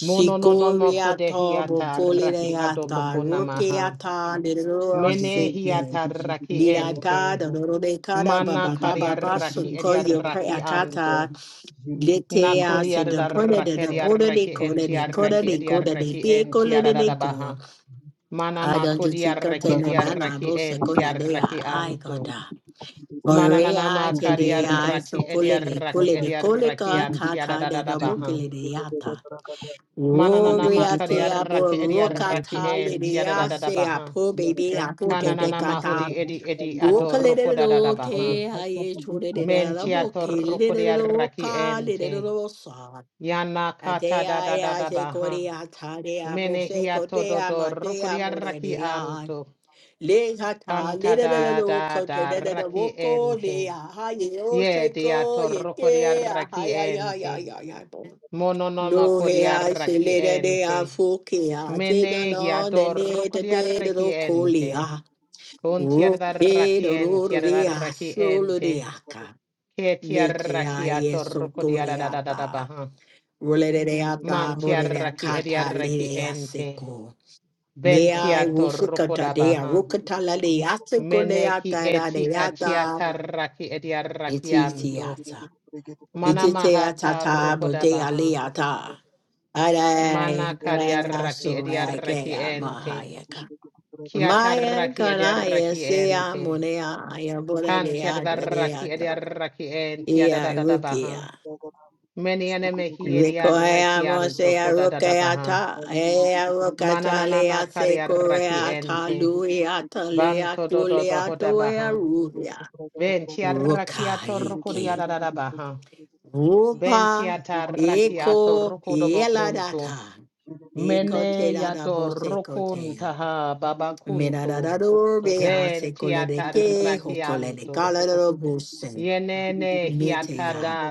[SPEAKER 1] Mono no no moko de hiata raki
[SPEAKER 2] bokolidiata,
[SPEAKER 1] adoboko namaha.
[SPEAKER 2] rukiata,
[SPEAKER 1] Mene
[SPEAKER 2] lirosike,
[SPEAKER 1] hiata raki
[SPEAKER 2] didata,
[SPEAKER 1] ente.
[SPEAKER 2] dododekada,
[SPEAKER 1] Mana
[SPEAKER 2] baba, baba,
[SPEAKER 1] kari
[SPEAKER 2] baba,
[SPEAKER 1] arraki eri
[SPEAKER 2] sukoyo,
[SPEAKER 1] arraki
[SPEAKER 2] preakata,
[SPEAKER 1] anto.
[SPEAKER 2] Lete a
[SPEAKER 1] Nakori
[SPEAKER 2] se de pone de
[SPEAKER 1] arraki
[SPEAKER 2] de
[SPEAKER 1] eri
[SPEAKER 2] pone de
[SPEAKER 1] arraki
[SPEAKER 2] cone
[SPEAKER 1] enti
[SPEAKER 2] de cone
[SPEAKER 1] arraki
[SPEAKER 2] de
[SPEAKER 1] eri
[SPEAKER 2] cone de
[SPEAKER 1] arraki
[SPEAKER 2] pie
[SPEAKER 1] enti
[SPEAKER 2] cone de de co.
[SPEAKER 1] aradabaha. Mana
[SPEAKER 2] I don't just
[SPEAKER 1] makodi
[SPEAKER 2] see
[SPEAKER 1] arraki
[SPEAKER 2] container
[SPEAKER 1] eri
[SPEAKER 2] nana
[SPEAKER 1] arraki
[SPEAKER 2] bolsa
[SPEAKER 1] enti
[SPEAKER 2] cone de i
[SPEAKER 1] arraki anto.
[SPEAKER 2] goda.
[SPEAKER 1] Mana
[SPEAKER 2] Ore
[SPEAKER 1] nana
[SPEAKER 2] a se
[SPEAKER 1] makari
[SPEAKER 2] de I se
[SPEAKER 1] arraki eri
[SPEAKER 2] pole de
[SPEAKER 1] arraki
[SPEAKER 2] cole de
[SPEAKER 1] eri
[SPEAKER 2] cole
[SPEAKER 1] arraki
[SPEAKER 2] ca ca
[SPEAKER 1] anti
[SPEAKER 2] ca de de
[SPEAKER 1] aradabaha.
[SPEAKER 2] bocile de yata.
[SPEAKER 1] Mananana
[SPEAKER 2] Rory a
[SPEAKER 1] makari
[SPEAKER 2] te a bo
[SPEAKER 1] arraki edi
[SPEAKER 2] roca
[SPEAKER 1] arraki
[SPEAKER 2] ta le
[SPEAKER 1] enti
[SPEAKER 2] de
[SPEAKER 1] tiada da
[SPEAKER 2] a
[SPEAKER 1] da da
[SPEAKER 2] se a
[SPEAKER 1] baha.
[SPEAKER 2] po baby a
[SPEAKER 3] Yarabantu,
[SPEAKER 2] po te de
[SPEAKER 1] Kananana
[SPEAKER 3] Bragadush,
[SPEAKER 2] cata.
[SPEAKER 1] mahudi
[SPEAKER 3] Zagabun,
[SPEAKER 1] edi edi
[SPEAKER 2] Roca
[SPEAKER 3] Kalibradu,
[SPEAKER 2] le
[SPEAKER 1] adoroko
[SPEAKER 2] de
[SPEAKER 1] da
[SPEAKER 2] do
[SPEAKER 1] baha.
[SPEAKER 2] te
[SPEAKER 3] Ayakata,
[SPEAKER 2] I
[SPEAKER 3] Balus,
[SPEAKER 2] told it a ye chore de
[SPEAKER 3] Kadu,
[SPEAKER 2] de
[SPEAKER 1] Men
[SPEAKER 2] la
[SPEAKER 3] Zabadus,
[SPEAKER 1] tiatoroko di arraki
[SPEAKER 2] roca le de
[SPEAKER 1] ente. Yana kata da da da
[SPEAKER 2] Adea
[SPEAKER 1] da
[SPEAKER 2] se
[SPEAKER 1] baha.
[SPEAKER 2] korea tarea
[SPEAKER 1] Mene
[SPEAKER 2] mose
[SPEAKER 1] hiato
[SPEAKER 2] kotea
[SPEAKER 1] dodoroko di
[SPEAKER 2] matea
[SPEAKER 1] arraki
[SPEAKER 2] morea.
[SPEAKER 1] anto.
[SPEAKER 2] Le hata le
[SPEAKER 1] Kanta
[SPEAKER 2] da da
[SPEAKER 3] Thank
[SPEAKER 2] da
[SPEAKER 1] da
[SPEAKER 2] do kote da da da
[SPEAKER 1] raki
[SPEAKER 2] woko
[SPEAKER 1] ente.
[SPEAKER 2] le aha ye o
[SPEAKER 1] Ye
[SPEAKER 2] se
[SPEAKER 1] di
[SPEAKER 2] ko ye
[SPEAKER 1] atoroko di
[SPEAKER 2] te
[SPEAKER 1] arraki
[SPEAKER 2] ya ya ya
[SPEAKER 1] ente.
[SPEAKER 2] ya ya bo.
[SPEAKER 1] Mononoma
[SPEAKER 2] No
[SPEAKER 1] kodi
[SPEAKER 2] he se
[SPEAKER 1] arraki
[SPEAKER 2] le da de a
[SPEAKER 1] ente.
[SPEAKER 2] fuke a te da
[SPEAKER 1] Mene
[SPEAKER 2] no de
[SPEAKER 1] hiador
[SPEAKER 2] ne de da do
[SPEAKER 1] ente,
[SPEAKER 2] kolia.
[SPEAKER 1] Kun
[SPEAKER 2] Roke da
[SPEAKER 1] tiadarrakien
[SPEAKER 2] ro ria solo de
[SPEAKER 1] ente,
[SPEAKER 2] aka.
[SPEAKER 1] Ke
[SPEAKER 2] Me te a
[SPEAKER 1] tiarrakiator
[SPEAKER 2] so korea
[SPEAKER 1] kodiaradadadabaha. Man
[SPEAKER 2] Rolereata Borea
[SPEAKER 1] tiarraki
[SPEAKER 2] Kata Lirea
[SPEAKER 1] ediarrekiente.
[SPEAKER 2] Seco.
[SPEAKER 1] Ben
[SPEAKER 2] Dea
[SPEAKER 1] tiator
[SPEAKER 2] Wufukata Dea
[SPEAKER 1] kodabaha.
[SPEAKER 2] Rukata Lalea Seco
[SPEAKER 1] Mene ki
[SPEAKER 2] Leata
[SPEAKER 1] eti
[SPEAKER 2] Radeata
[SPEAKER 1] atiatarraki ediarrakianto.
[SPEAKER 2] Ititiata.
[SPEAKER 1] Mana
[SPEAKER 2] Ititiata
[SPEAKER 1] mahatar
[SPEAKER 2] Tabo Dea
[SPEAKER 1] kodabaha.
[SPEAKER 2] Leata.
[SPEAKER 1] Mana
[SPEAKER 2] Ade Rea
[SPEAKER 1] kariarraki
[SPEAKER 2] Suragea
[SPEAKER 1] ediarrekiente.
[SPEAKER 2] Mahayaka. Maya Kanaya
[SPEAKER 1] Kiatarraki
[SPEAKER 2] Sea
[SPEAKER 1] ente.
[SPEAKER 2] Monea Aya
[SPEAKER 1] Kan tiada
[SPEAKER 2] Borea
[SPEAKER 1] da raki edia
[SPEAKER 2] Deata.
[SPEAKER 1] raki en
[SPEAKER 3] you.
[SPEAKER 1] tiada da
[SPEAKER 2] Ea
[SPEAKER 1] da da
[SPEAKER 2] Rukia.
[SPEAKER 1] baha.
[SPEAKER 3] Zulu
[SPEAKER 1] Meni ane mehi edia
[SPEAKER 2] Rikoea
[SPEAKER 1] reki anto
[SPEAKER 2] mosea
[SPEAKER 1] koda da da baha.
[SPEAKER 2] rokeata, ea rokata
[SPEAKER 1] Mananana
[SPEAKER 2] lea se
[SPEAKER 1] makaria raki
[SPEAKER 2] koreata,
[SPEAKER 1] ente.
[SPEAKER 2] luiata lea
[SPEAKER 1] Banto do do baho da
[SPEAKER 2] kuleato ea
[SPEAKER 1] baha.
[SPEAKER 2] ruhia.
[SPEAKER 1] Ben tiada raki ato ruko dia
[SPEAKER 2] Rokaiki.
[SPEAKER 1] da da da baha. Ben
[SPEAKER 2] Rupa,
[SPEAKER 1] tiada raki
[SPEAKER 2] eko,
[SPEAKER 1] do bokunto.
[SPEAKER 2] eladata. Eko
[SPEAKER 1] Mene
[SPEAKER 2] te dada
[SPEAKER 1] yato
[SPEAKER 2] bose kotea.
[SPEAKER 1] rukuntaha babakunto.
[SPEAKER 2] Minadadado bea
[SPEAKER 1] Benti
[SPEAKER 2] se kolere
[SPEAKER 1] tiada
[SPEAKER 2] ke, ho kolere
[SPEAKER 1] anto.
[SPEAKER 2] kalero bose.
[SPEAKER 1] Yenene hiatada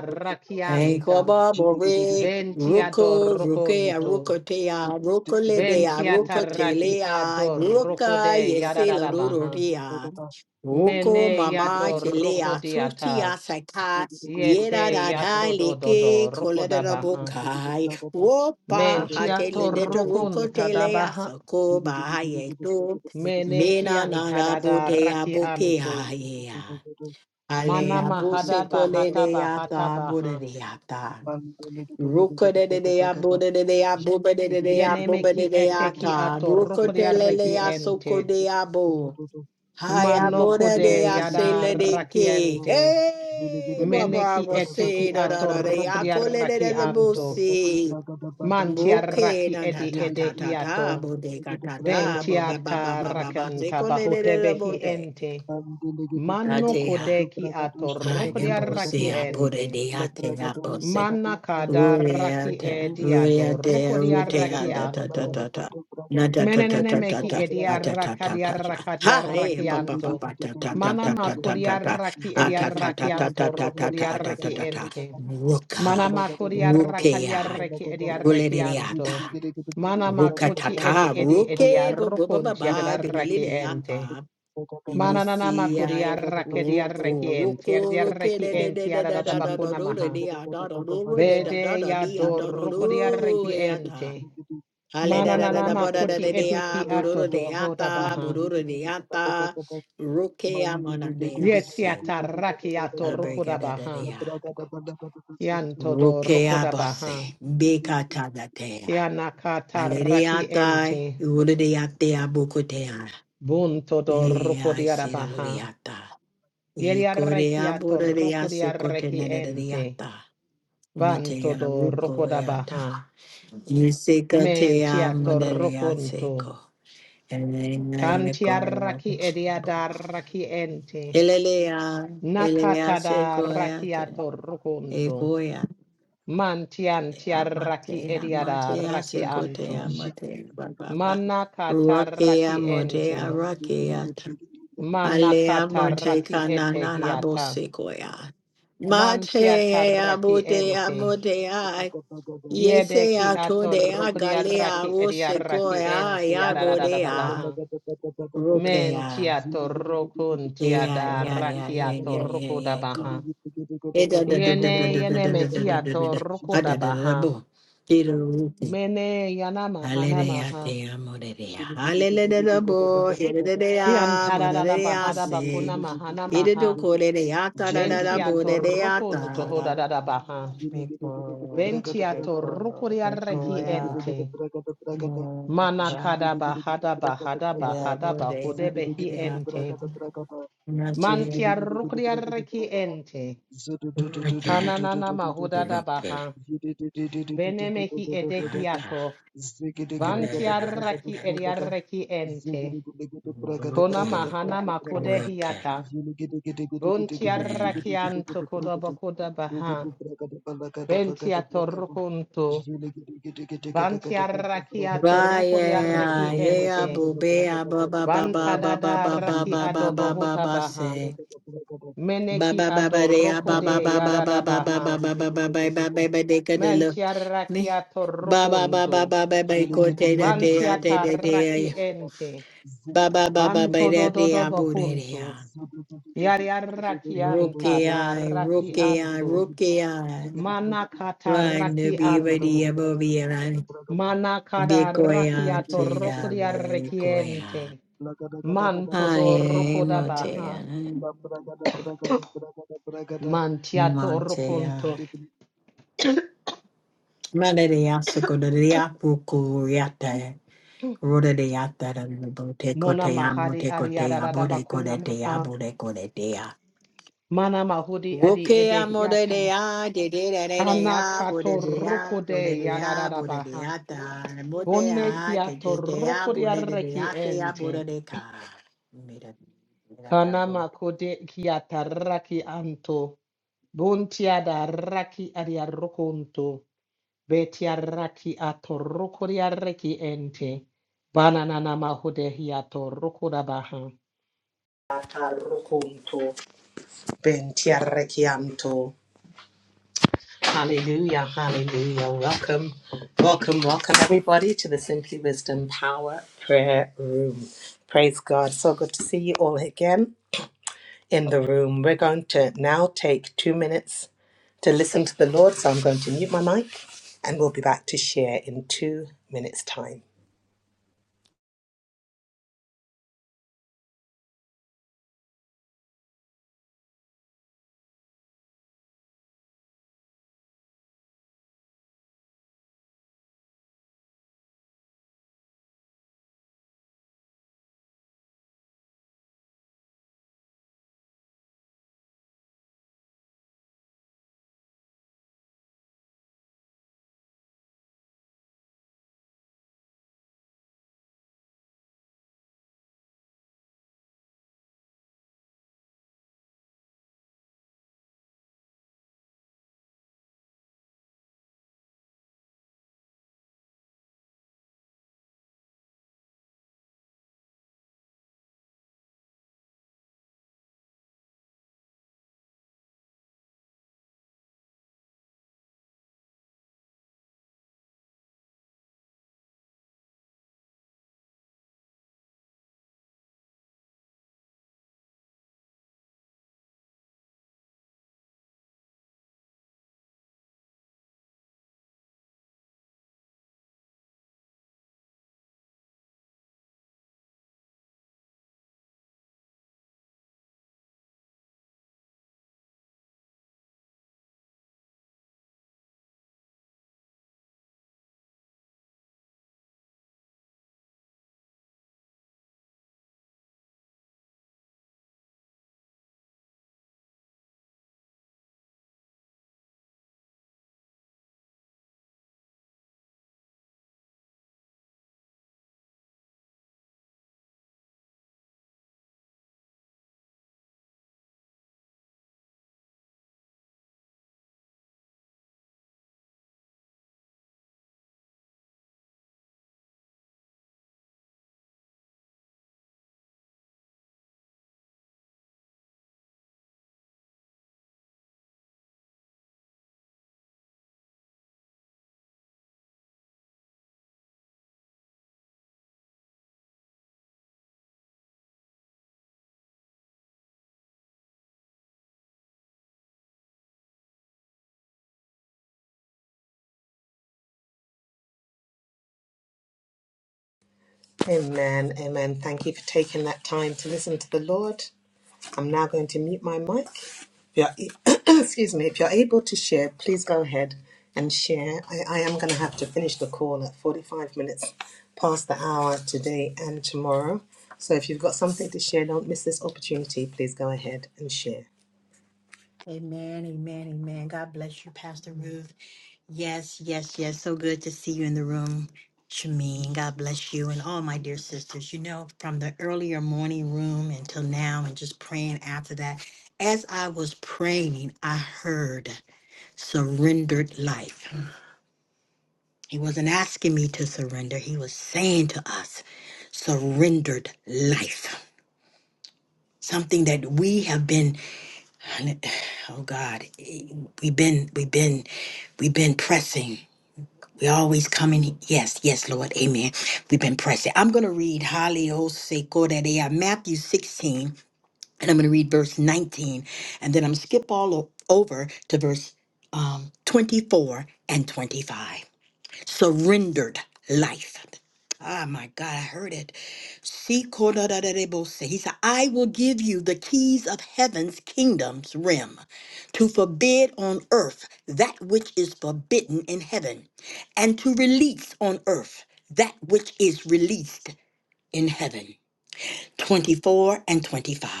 [SPEAKER 2] Thank
[SPEAKER 1] rakianta.
[SPEAKER 2] Ruko,
[SPEAKER 1] Ventia
[SPEAKER 2] Rukea,
[SPEAKER 1] dorroconto.
[SPEAKER 2] Rukotea,
[SPEAKER 3] Thank
[SPEAKER 2] Rukoledea,
[SPEAKER 1] Ventia tarraki
[SPEAKER 2] Rukotelea,
[SPEAKER 1] adorroco
[SPEAKER 2] Ruka,
[SPEAKER 1] de
[SPEAKER 2] Yesela,
[SPEAKER 1] yadadabaha.
[SPEAKER 2] Ruroria, Ruko,
[SPEAKER 1] Mene
[SPEAKER 2] Mama,
[SPEAKER 1] yadorroco
[SPEAKER 2] Chelea,
[SPEAKER 1] diata.
[SPEAKER 2] Tutia, Saka, Yera,
[SPEAKER 1] Yete
[SPEAKER 2] Dadai,
[SPEAKER 1] yatodododo
[SPEAKER 2] Leke, Colada,
[SPEAKER 1] rocodabaha.
[SPEAKER 2] Bokai, Wopa,
[SPEAKER 1] Mentia
[SPEAKER 2] Hatele, Deta,
[SPEAKER 1] torroconta
[SPEAKER 2] Rukotelea,
[SPEAKER 1] dabaha.
[SPEAKER 2] Sako, Bahayeto,
[SPEAKER 1] Mene
[SPEAKER 2] Mena,
[SPEAKER 1] kianta dada
[SPEAKER 2] Narabotea,
[SPEAKER 1] raki
[SPEAKER 2] Bokea,
[SPEAKER 1] Mana
[SPEAKER 2] Alea buse
[SPEAKER 1] mahada
[SPEAKER 2] cole
[SPEAKER 1] bahata
[SPEAKER 2] de
[SPEAKER 1] bahata
[SPEAKER 2] ata bude
[SPEAKER 1] baha.
[SPEAKER 2] de ata. Ruko de de de
[SPEAKER 3] you.
[SPEAKER 2] abude de de abube de de de
[SPEAKER 1] Yeneme
[SPEAKER 2] abube
[SPEAKER 1] ki
[SPEAKER 2] de de
[SPEAKER 1] ete ki
[SPEAKER 2] ata.
[SPEAKER 1] ato
[SPEAKER 2] Ruko tele
[SPEAKER 1] rokodiare ki
[SPEAKER 2] le asoko
[SPEAKER 1] ente.
[SPEAKER 2] de abu. Hai
[SPEAKER 1] Manoko
[SPEAKER 2] abude de
[SPEAKER 1] de yada
[SPEAKER 2] asele de ke.
[SPEAKER 1] rakiente.
[SPEAKER 2] Hey, bra
[SPEAKER 1] Mene ki
[SPEAKER 2] bravo
[SPEAKER 1] ete ki
[SPEAKER 2] se da da
[SPEAKER 1] ato
[SPEAKER 2] da de akole
[SPEAKER 1] rokodiare
[SPEAKER 2] de de de
[SPEAKER 1] anto.
[SPEAKER 2] busi.
[SPEAKER 1] Mantiara
[SPEAKER 2] Buke
[SPEAKER 1] ki
[SPEAKER 2] na ta
[SPEAKER 1] edi
[SPEAKER 2] ta ta
[SPEAKER 1] ede
[SPEAKER 2] ta ta
[SPEAKER 1] hiato.
[SPEAKER 2] bude ka ta ta bo ba ba ba
[SPEAKER 1] Ventiata
[SPEAKER 2] ba ba ba se
[SPEAKER 1] rakanta
[SPEAKER 2] cole
[SPEAKER 3] Zulu
[SPEAKER 2] de
[SPEAKER 1] bahote
[SPEAKER 2] de de
[SPEAKER 1] behi
[SPEAKER 2] bote.
[SPEAKER 1] ente.
[SPEAKER 3] Andelegede
[SPEAKER 1] Mano
[SPEAKER 3] bragada
[SPEAKER 2] Atea.
[SPEAKER 3] vado
[SPEAKER 1] kodeki
[SPEAKER 3] bragado
[SPEAKER 1] atoroko
[SPEAKER 3] shagado
[SPEAKER 1] di araki
[SPEAKER 2] Ayebose
[SPEAKER 3] zagadonta.
[SPEAKER 1] ente.
[SPEAKER 2] aborede
[SPEAKER 3] La
[SPEAKER 2] ate
[SPEAKER 3] bragado
[SPEAKER 2] abose.
[SPEAKER 1] Mana
[SPEAKER 3] zagadonta le brado
[SPEAKER 1] kadaraki e
[SPEAKER 2] Uriata,
[SPEAKER 3] shagados kata.
[SPEAKER 2] uriate,
[SPEAKER 1] diadoroko di
[SPEAKER 3] Je
[SPEAKER 2] rute
[SPEAKER 3] braga baba
[SPEAKER 2] ada ta
[SPEAKER 3] baba
[SPEAKER 2] ta
[SPEAKER 1] anto.
[SPEAKER 3] gada
[SPEAKER 2] ta ta.
[SPEAKER 3] vado
[SPEAKER 2] Na
[SPEAKER 3] bragadi
[SPEAKER 2] ta ta ta
[SPEAKER 1] Menenene
[SPEAKER 2] ta
[SPEAKER 3] shagados
[SPEAKER 2] ta
[SPEAKER 1] meki
[SPEAKER 2] ta.
[SPEAKER 3] kalibrado.
[SPEAKER 2] Ata ta ta ta ta. Ha, eh, pa pa pa
[SPEAKER 1] ediarrakadiarrakadiarrakianto.
[SPEAKER 2] pa ta ta ta
[SPEAKER 1] Mana
[SPEAKER 2] ta ta ta
[SPEAKER 3] Mandedededededededededede.
[SPEAKER 2] ta ta.
[SPEAKER 1] makodiarraki
[SPEAKER 2] Ata ta ta ta ta
[SPEAKER 1] ediarrakianto
[SPEAKER 2] ta ta ta
[SPEAKER 3] Zegedegedegedegede
[SPEAKER 2] ata ta
[SPEAKER 1] rokodiarraki
[SPEAKER 2] ta ta.
[SPEAKER 1] ente.
[SPEAKER 3] bragada
[SPEAKER 1] Mana
[SPEAKER 2] Ruka,
[SPEAKER 3] Jabra
[SPEAKER 2] rukea,
[SPEAKER 1] makodiarrakadiarraki ediarrakianto.
[SPEAKER 2] ruledeata.
[SPEAKER 1] Mana
[SPEAKER 2] Ruka ta
[SPEAKER 1] makoti edi
[SPEAKER 2] ta,
[SPEAKER 1] edi
[SPEAKER 2] ruke, bo bo ba ba
[SPEAKER 1] ediarrokonti adarraki ente.
[SPEAKER 2] ba,
[SPEAKER 1] Mana nana
[SPEAKER 2] Iniciai
[SPEAKER 1] makodiarraki
[SPEAKER 2] Ruku
[SPEAKER 1] ediarraki ente.
[SPEAKER 2] Ruku Ruki
[SPEAKER 1] Ediarraki
[SPEAKER 2] de de de
[SPEAKER 1] enti
[SPEAKER 2] de da da da da
[SPEAKER 1] adadabakuna
[SPEAKER 2] do de
[SPEAKER 1] maha.
[SPEAKER 2] dia da da do de da da
[SPEAKER 1] Bede
[SPEAKER 2] da
[SPEAKER 1] ya
[SPEAKER 2] dia da da do
[SPEAKER 1] dorrokodiarraki
[SPEAKER 2] yata.
[SPEAKER 1] ente.
[SPEAKER 2] Ale da da da da
[SPEAKER 1] Mananana
[SPEAKER 2] bo da da
[SPEAKER 1] koti
[SPEAKER 2] de
[SPEAKER 1] eteki
[SPEAKER 2] dia
[SPEAKER 1] ato
[SPEAKER 2] bururu de
[SPEAKER 1] dohoda
[SPEAKER 2] yata
[SPEAKER 1] baha.
[SPEAKER 2] bururu de yata Ruki amona de
[SPEAKER 1] Yeti
[SPEAKER 2] ase.
[SPEAKER 1] ataraki ato
[SPEAKER 2] Abrega
[SPEAKER 1] rukoda
[SPEAKER 2] da da
[SPEAKER 1] baha.
[SPEAKER 2] de ya.
[SPEAKER 3] gada bada gada
[SPEAKER 1] Kianto do
[SPEAKER 2] Ruki
[SPEAKER 1] rukoda baha.
[SPEAKER 2] abase.
[SPEAKER 3] Zile
[SPEAKER 2] Bekata da te ya.
[SPEAKER 1] Kianaka
[SPEAKER 2] Ale de
[SPEAKER 1] taraki
[SPEAKER 2] yata.
[SPEAKER 1] ente.
[SPEAKER 2] Uru de yata abuku te ya.
[SPEAKER 1] Bunto do
[SPEAKER 2] Yeah, I
[SPEAKER 1] rukodi
[SPEAKER 2] see that
[SPEAKER 1] arabaha
[SPEAKER 2] yata.
[SPEAKER 1] Yeri arreki
[SPEAKER 2] Yekorea
[SPEAKER 1] ato
[SPEAKER 2] borerea
[SPEAKER 1] rukodi
[SPEAKER 2] sekote
[SPEAKER 1] arreki ente.
[SPEAKER 2] nanareyata.
[SPEAKER 1] Banto
[SPEAKER 2] Matea
[SPEAKER 1] do rukoda
[SPEAKER 2] rukoyata.
[SPEAKER 1] baha. Menti
[SPEAKER 2] Yisekatea
[SPEAKER 1] ato
[SPEAKER 2] monerea
[SPEAKER 1] rukunto.
[SPEAKER 2] seko. Elena
[SPEAKER 1] Kanti
[SPEAKER 2] yekoya.
[SPEAKER 1] arraki ediada raki ente.
[SPEAKER 2] Elelea, elea
[SPEAKER 1] Nakata da
[SPEAKER 2] sekoyate.
[SPEAKER 1] ato rukunto.
[SPEAKER 2] Ekoyate
[SPEAKER 1] Mantian tiaraki
[SPEAKER 2] amatea,
[SPEAKER 1] ediada
[SPEAKER 2] matea
[SPEAKER 1] raki
[SPEAKER 2] sekotea,
[SPEAKER 1] anto.
[SPEAKER 2] matea bababa.
[SPEAKER 1] Manakata
[SPEAKER 2] Rakea
[SPEAKER 1] raki ente.
[SPEAKER 2] motea, rakeata. Alea
[SPEAKER 1] Manakata
[SPEAKER 2] morte
[SPEAKER 1] raki ete
[SPEAKER 2] kanana na
[SPEAKER 1] hiata.
[SPEAKER 2] bosekoya.
[SPEAKER 1] Mantiata
[SPEAKER 2] Mate
[SPEAKER 1] raki
[SPEAKER 2] abutea
[SPEAKER 1] ente.
[SPEAKER 2] motea. Yese
[SPEAKER 1] Yedeki ato
[SPEAKER 2] atodea
[SPEAKER 1] rukria
[SPEAKER 2] galea
[SPEAKER 1] raki edia raki
[SPEAKER 2] wosekoya
[SPEAKER 1] ente yadadadada
[SPEAKER 2] yabodea.
[SPEAKER 1] baha. Men
[SPEAKER 2] Rokea.
[SPEAKER 1] tiato rokun
[SPEAKER 2] Yeah,
[SPEAKER 1] tiada
[SPEAKER 2] yeah, yeah, yeah,
[SPEAKER 1] rakiato
[SPEAKER 2] yeah, yeah,
[SPEAKER 1] rukuda
[SPEAKER 2] yeah, go.
[SPEAKER 1] baha.
[SPEAKER 2] Eda da da da da
[SPEAKER 1] Yene
[SPEAKER 2] da da
[SPEAKER 1] yene
[SPEAKER 2] da da da da da da
[SPEAKER 1] mehiato
[SPEAKER 2] da.
[SPEAKER 1] rukuda
[SPEAKER 2] Ada da da da da
[SPEAKER 1] baha.
[SPEAKER 2] bo. Hiro ruke.
[SPEAKER 1] Mene yana mahana
[SPEAKER 2] Hallelujah,
[SPEAKER 1] maha.
[SPEAKER 2] te amo de dea. Hallelujah, bo. Hiro de
[SPEAKER 1] Kian
[SPEAKER 2] dea, bo de
[SPEAKER 3] Ziggy
[SPEAKER 1] tadada
[SPEAKER 2] dea,
[SPEAKER 1] bahada bakuna
[SPEAKER 2] se.
[SPEAKER 1] mahana
[SPEAKER 2] Irido
[SPEAKER 1] maha.
[SPEAKER 2] korere yata da da da
[SPEAKER 1] Bentiato
[SPEAKER 2] borere
[SPEAKER 1] rukun
[SPEAKER 2] yata.
[SPEAKER 1] tohodada baha.
[SPEAKER 2] Miko,
[SPEAKER 1] bentia
[SPEAKER 2] miko,
[SPEAKER 1] rukuria
[SPEAKER 2] miko
[SPEAKER 1] reki
[SPEAKER 2] ya.
[SPEAKER 1] ente.
[SPEAKER 2] Nata.
[SPEAKER 1] Manakada bahada bahada
[SPEAKER 2] Ya
[SPEAKER 1] bahada
[SPEAKER 2] borere
[SPEAKER 1] bahude
[SPEAKER 2] ya
[SPEAKER 1] behi
[SPEAKER 2] borere
[SPEAKER 1] ente.
[SPEAKER 2] yata. Nache.
[SPEAKER 1] Mantia rukuria reki ente. Kananana mahudada
[SPEAKER 2] Okay,
[SPEAKER 1] baha.
[SPEAKER 3] Ziggy
[SPEAKER 1] Benemehi
[SPEAKER 2] okay,
[SPEAKER 1] edehiato. Bantia raki eria reki ente. Kona
[SPEAKER 2] okay.
[SPEAKER 1] mahana makude
[SPEAKER 2] Okay, okay.
[SPEAKER 1] hiata. Buntiarra
[SPEAKER 2] Nata.
[SPEAKER 1] chianto codobo coda baha. Ventia torrucunto. Bantiarra chia
[SPEAKER 2] Ba
[SPEAKER 1] torruco di
[SPEAKER 2] yeah,
[SPEAKER 1] arrechi
[SPEAKER 2] yeah,
[SPEAKER 1] ente.
[SPEAKER 2] boo, ba ba ba ba
[SPEAKER 1] Bantada
[SPEAKER 2] ba ba
[SPEAKER 1] da
[SPEAKER 2] ba ba
[SPEAKER 1] raki
[SPEAKER 2] ba ba ba
[SPEAKER 1] adobo
[SPEAKER 2] ba ba
[SPEAKER 1] huta
[SPEAKER 2] ba
[SPEAKER 1] baha.
[SPEAKER 2] say. Ba
[SPEAKER 1] Meneki
[SPEAKER 2] ba ba ba de ya
[SPEAKER 1] adorroco
[SPEAKER 2] ba ba
[SPEAKER 1] de
[SPEAKER 2] ba ba ba
[SPEAKER 1] yarada
[SPEAKER 2] ba ba ba ba ba
[SPEAKER 1] baha.
[SPEAKER 2] ba ba ba ba ba de ka de lo
[SPEAKER 1] Mentiarra
[SPEAKER 2] ne
[SPEAKER 1] chia
[SPEAKER 2] ba ba ba ba
[SPEAKER 1] torrucunto.
[SPEAKER 2] ba ba ba
[SPEAKER 3] Ziggy
[SPEAKER 2] ko te da te ya te
[SPEAKER 1] Bantiata
[SPEAKER 2] de de ya
[SPEAKER 1] raki ente.
[SPEAKER 2] ba ba ba ba ba
[SPEAKER 1] Banto
[SPEAKER 2] de de ya
[SPEAKER 1] dododobo
[SPEAKER 2] bu de de ya
[SPEAKER 1] kunto. Yariarra
[SPEAKER 2] Roke
[SPEAKER 1] chianta da
[SPEAKER 2] I,
[SPEAKER 1] raki
[SPEAKER 2] roke I,
[SPEAKER 1] anto.
[SPEAKER 2] roke I.
[SPEAKER 1] Manakata
[SPEAKER 2] Run the
[SPEAKER 1] raki
[SPEAKER 2] be ready
[SPEAKER 1] anto.
[SPEAKER 2] above here and be
[SPEAKER 1] Manakada
[SPEAKER 2] koya
[SPEAKER 1] rakiato
[SPEAKER 2] tea,
[SPEAKER 1] rokodia
[SPEAKER 2] koya.
[SPEAKER 1] rekiente. Manto
[SPEAKER 2] I
[SPEAKER 1] do
[SPEAKER 2] am
[SPEAKER 1] rokoda
[SPEAKER 2] a tea,
[SPEAKER 1] baha. Mantiato
[SPEAKER 2] Montea.
[SPEAKER 1] rokonto.
[SPEAKER 2] Malaria, secondaria, pucuriata. Rode de yata and the bote cote
[SPEAKER 1] Mona
[SPEAKER 2] amo
[SPEAKER 1] mahadi
[SPEAKER 2] te cote
[SPEAKER 1] adiada
[SPEAKER 2] amo de
[SPEAKER 1] bakuna
[SPEAKER 2] cote de
[SPEAKER 1] maha.
[SPEAKER 2] amo de de a.
[SPEAKER 1] Mana mahudi
[SPEAKER 2] Roke
[SPEAKER 1] adi ede
[SPEAKER 2] amo de de
[SPEAKER 1] yata.
[SPEAKER 2] a, de de de de de
[SPEAKER 1] Kana
[SPEAKER 2] a,
[SPEAKER 1] kato
[SPEAKER 2] bode de a, bode
[SPEAKER 1] rokode
[SPEAKER 2] de a,
[SPEAKER 1] yada
[SPEAKER 2] bode de
[SPEAKER 1] baha.
[SPEAKER 2] ata, bote
[SPEAKER 1] Bone
[SPEAKER 2] a, de
[SPEAKER 1] kiato
[SPEAKER 2] de de a,
[SPEAKER 1] rokodia
[SPEAKER 2] bode de de bode
[SPEAKER 1] rekiente.
[SPEAKER 2] de ka.
[SPEAKER 1] Kana makode kiata raki anto. Buntiada raki adia rokonto. Betiaraki atorokoriareki ente. Bananana mahudehiato rokodabaha. Arrokonto, bentiarekianto. Hallelujah, hallelujah. Welcome, welcome, welcome, everybody, to the Simply Wisdom Power Prayer Room. Praise God. So good to see you all again in the room. We're going to now take two minutes to listen to the Lord. So I'm going to mute my mic and we'll be back to share in two minutes' time. Amen. Amen. Thank you for taking that time to listen to the Lord. I'm now going to mute my mic. If you're, excuse me. If you're able to share, please go ahead and share. I, I am going to have to finish the call at 45 minutes past the hour today and tomorrow. So if you've got something to share, don't miss this opportunity. Please go ahead and share.
[SPEAKER 2] Amen, amen, amen. God bless you, Pastor Ruth. Yes, yes, yes. So good to see you in the room, Shameen. God bless you and all my dear sisters. You know, from the earlier morning room until now, and just praying after that, as I was praying, I heard surrendered life. He wasn't asking me to surrender, he was saying to us, surrendered life. Something that we have been, oh God, we've been, we've been, we've been pressing We always come in. Yes, yes, Lord. Amen. We've been pressing. I'm going to read Hallelujah, Matthew 16, and I'm going to read verse 19, and then I'm skip all o- over to verse um, 24 and 25 surrendered life. Ah, my God, I heard it. Shikodadadadebose. He said, I will give you the keys of heaven's kingdom's rim to forbid on earth that which is forbidden in heaven, and to release on earth that which is released in heaven. 24 and 25.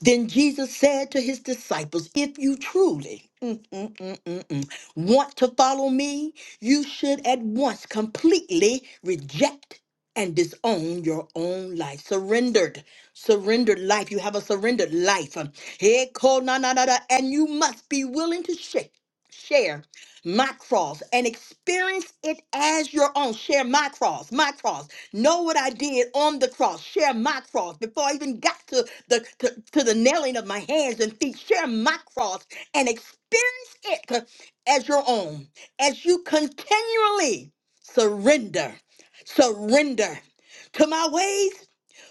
[SPEAKER 2] Then Jesus said to his disciples, If you truly mm, mm, mm, mm, mm, want to follow me, you should at once completely reject and disown your own life. Surrendered, surrendered life. You have a surrendered life. Um, hey, ko, na, na, na, na, And you must be willing to share. Share my cross and experience it as your own. Share my cross, my cross. Know what I did on the cross. Share my cross before I even got to the to, to the nailing of my hands and feet. Share my cross and experience it as your own. As you continually surrender, surrender to my ways.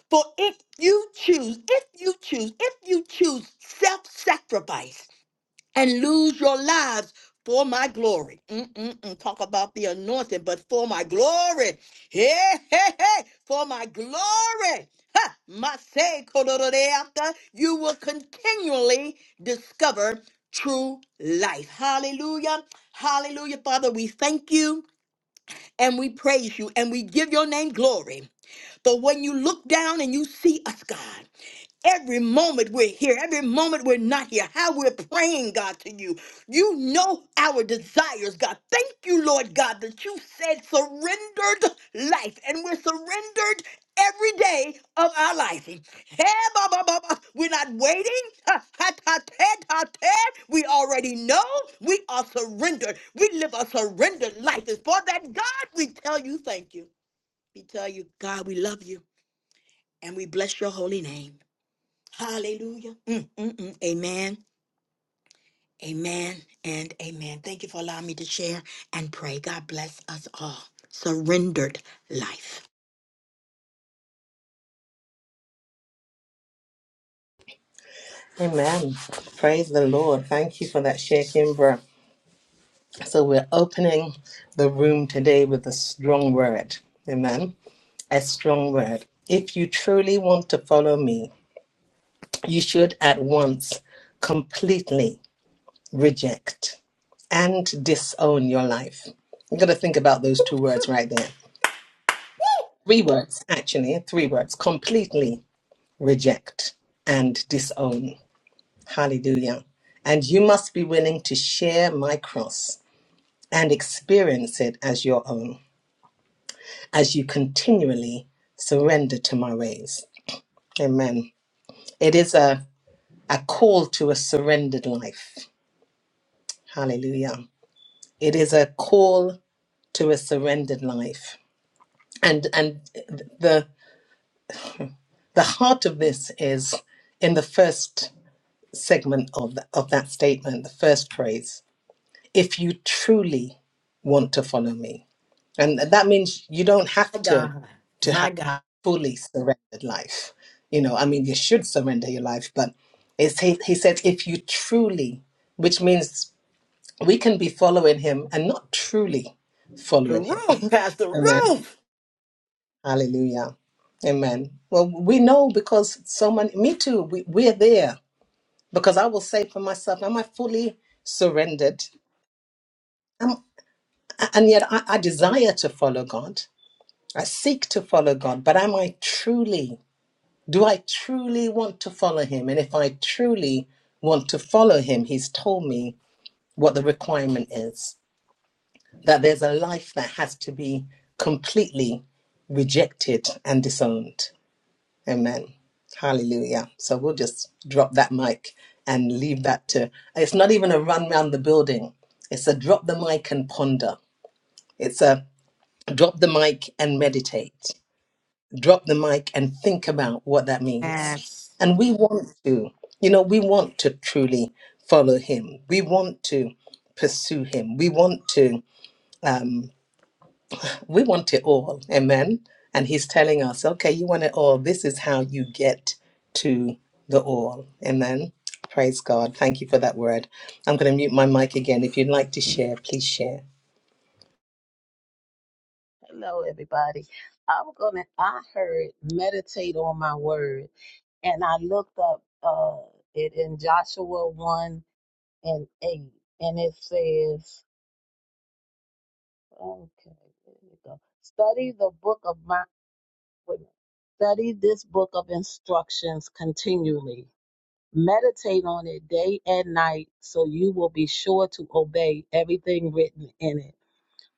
[SPEAKER 2] For if you choose, if you choose, if you choose self-sacrifice and lose your lives for my glory. Mm-mm-mm. Talk about the anointing, but for my glory. Hey, hey, hey, for my glory. Ha! My say, after you will continually discover true life. Hallelujah. Hallelujah. Father, we thank you and we praise you and we give your name glory. For when you look down and you see us, God. Every moment we're here, every moment we're not here, how we're praying, God, to you. You know our desires, God. Thank you, Lord God, that you said surrendered life, and we're surrendered every day of our life. Hey, ba, ba, ba, ba. We're not waiting. Ha, ha, ta, ta, ta, ta. We already know we are surrendered. We live a surrendered life. And for that, God, we tell you thank you. We tell you, God, we love you and we bless your holy name. Hallelujah. Mm, mm, mm. Amen. Amen and amen. Thank you for allowing me to share and pray. God bless us all. Surrendered life.
[SPEAKER 1] Amen. Praise the Lord. Thank you for that share, Kimbra. So we're opening the room today with a strong word. Amen. a strong word. If you truly want to follow me, you should at once completely reject and disown your life. You got to think about those two words right there. Three words, actually, three words completely reject and disown. Hallelujah. And you must be willing to share my cross and experience it as your own as you continually surrender to my ways. Amen. It is a a call to a surrendered life. Hallelujah. It is a call to a surrendered life. And and the the heart of this is in the first segment of the, of that statement, the first phrase. If you truly want to follow me. And that means you don't have
[SPEAKER 2] My
[SPEAKER 1] to
[SPEAKER 2] God.
[SPEAKER 1] to
[SPEAKER 2] My
[SPEAKER 1] have
[SPEAKER 2] God.
[SPEAKER 1] fully surrendered life. You know, I mean you should surrender your life, but it's he, he said if you truly, which means we can be following him and not truly
[SPEAKER 2] The
[SPEAKER 1] following him.
[SPEAKER 2] roof, Pastor
[SPEAKER 1] Amen. Hallelujah. Amen. Well, we know because so many, me too, we, we're there because I will say for myself, am I fully surrendered? Am, and yet I, I desire to follow God. I seek to follow God, but am I truly, do I truly want to follow him? And if I truly want to follow him, he's told me what the requirement is. that there's a life that has to be completely rejected and disowned. Amen. Hallelujah. So we'll just drop that mic and leave that to it's not even a run round the building. It's a drop the mic and ponder. It's a drop the mic and meditate. Drop the mic and think about what that means.
[SPEAKER 2] Roof.
[SPEAKER 1] And we want to, you know, we want to truly follow him. We want to pursue him. We want to um, We want it all. Amen. And he's telling us, okay, you want it all. This is how you get to the all. Amen. Praise God. Thank you for that word. I'm going to mute my mic again. If you'd like to share, please share.
[SPEAKER 4] Hello, everybody. I'm gonna. I heard meditate on my word, and I looked up uh it in Joshua one and eight, and it says, okay, there we go. Study the book of my. wait a minute. Study this book of instructions continually. Meditate on it day and night, so you will be sure to obey everything written in it.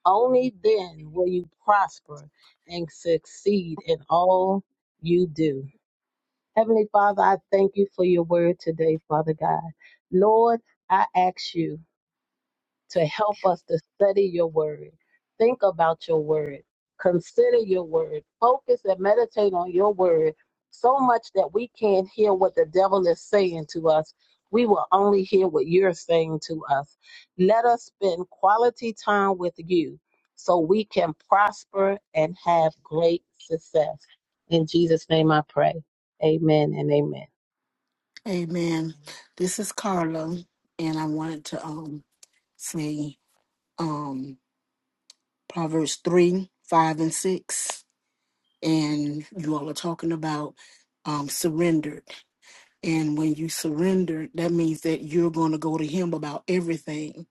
[SPEAKER 4] Only then will you prosper and succeed in all you do. Heavenly Father, I thank you for your word today, Father God. Lord, I ask you to help us to study your word, think about your word, consider your word, focus and meditate on your word so much that we can't hear what the devil is saying to us. We will only hear what you're saying to us. Let us spend quality time with you so we can prosper and have great success. In Jesus' name I pray. Amen and amen.
[SPEAKER 5] Amen. This is Carla, and I wanted to um say um Proverbs three, five, and six, and you all are talking about um surrendered. And when you surrender, that means that you're going to go to Him about everything,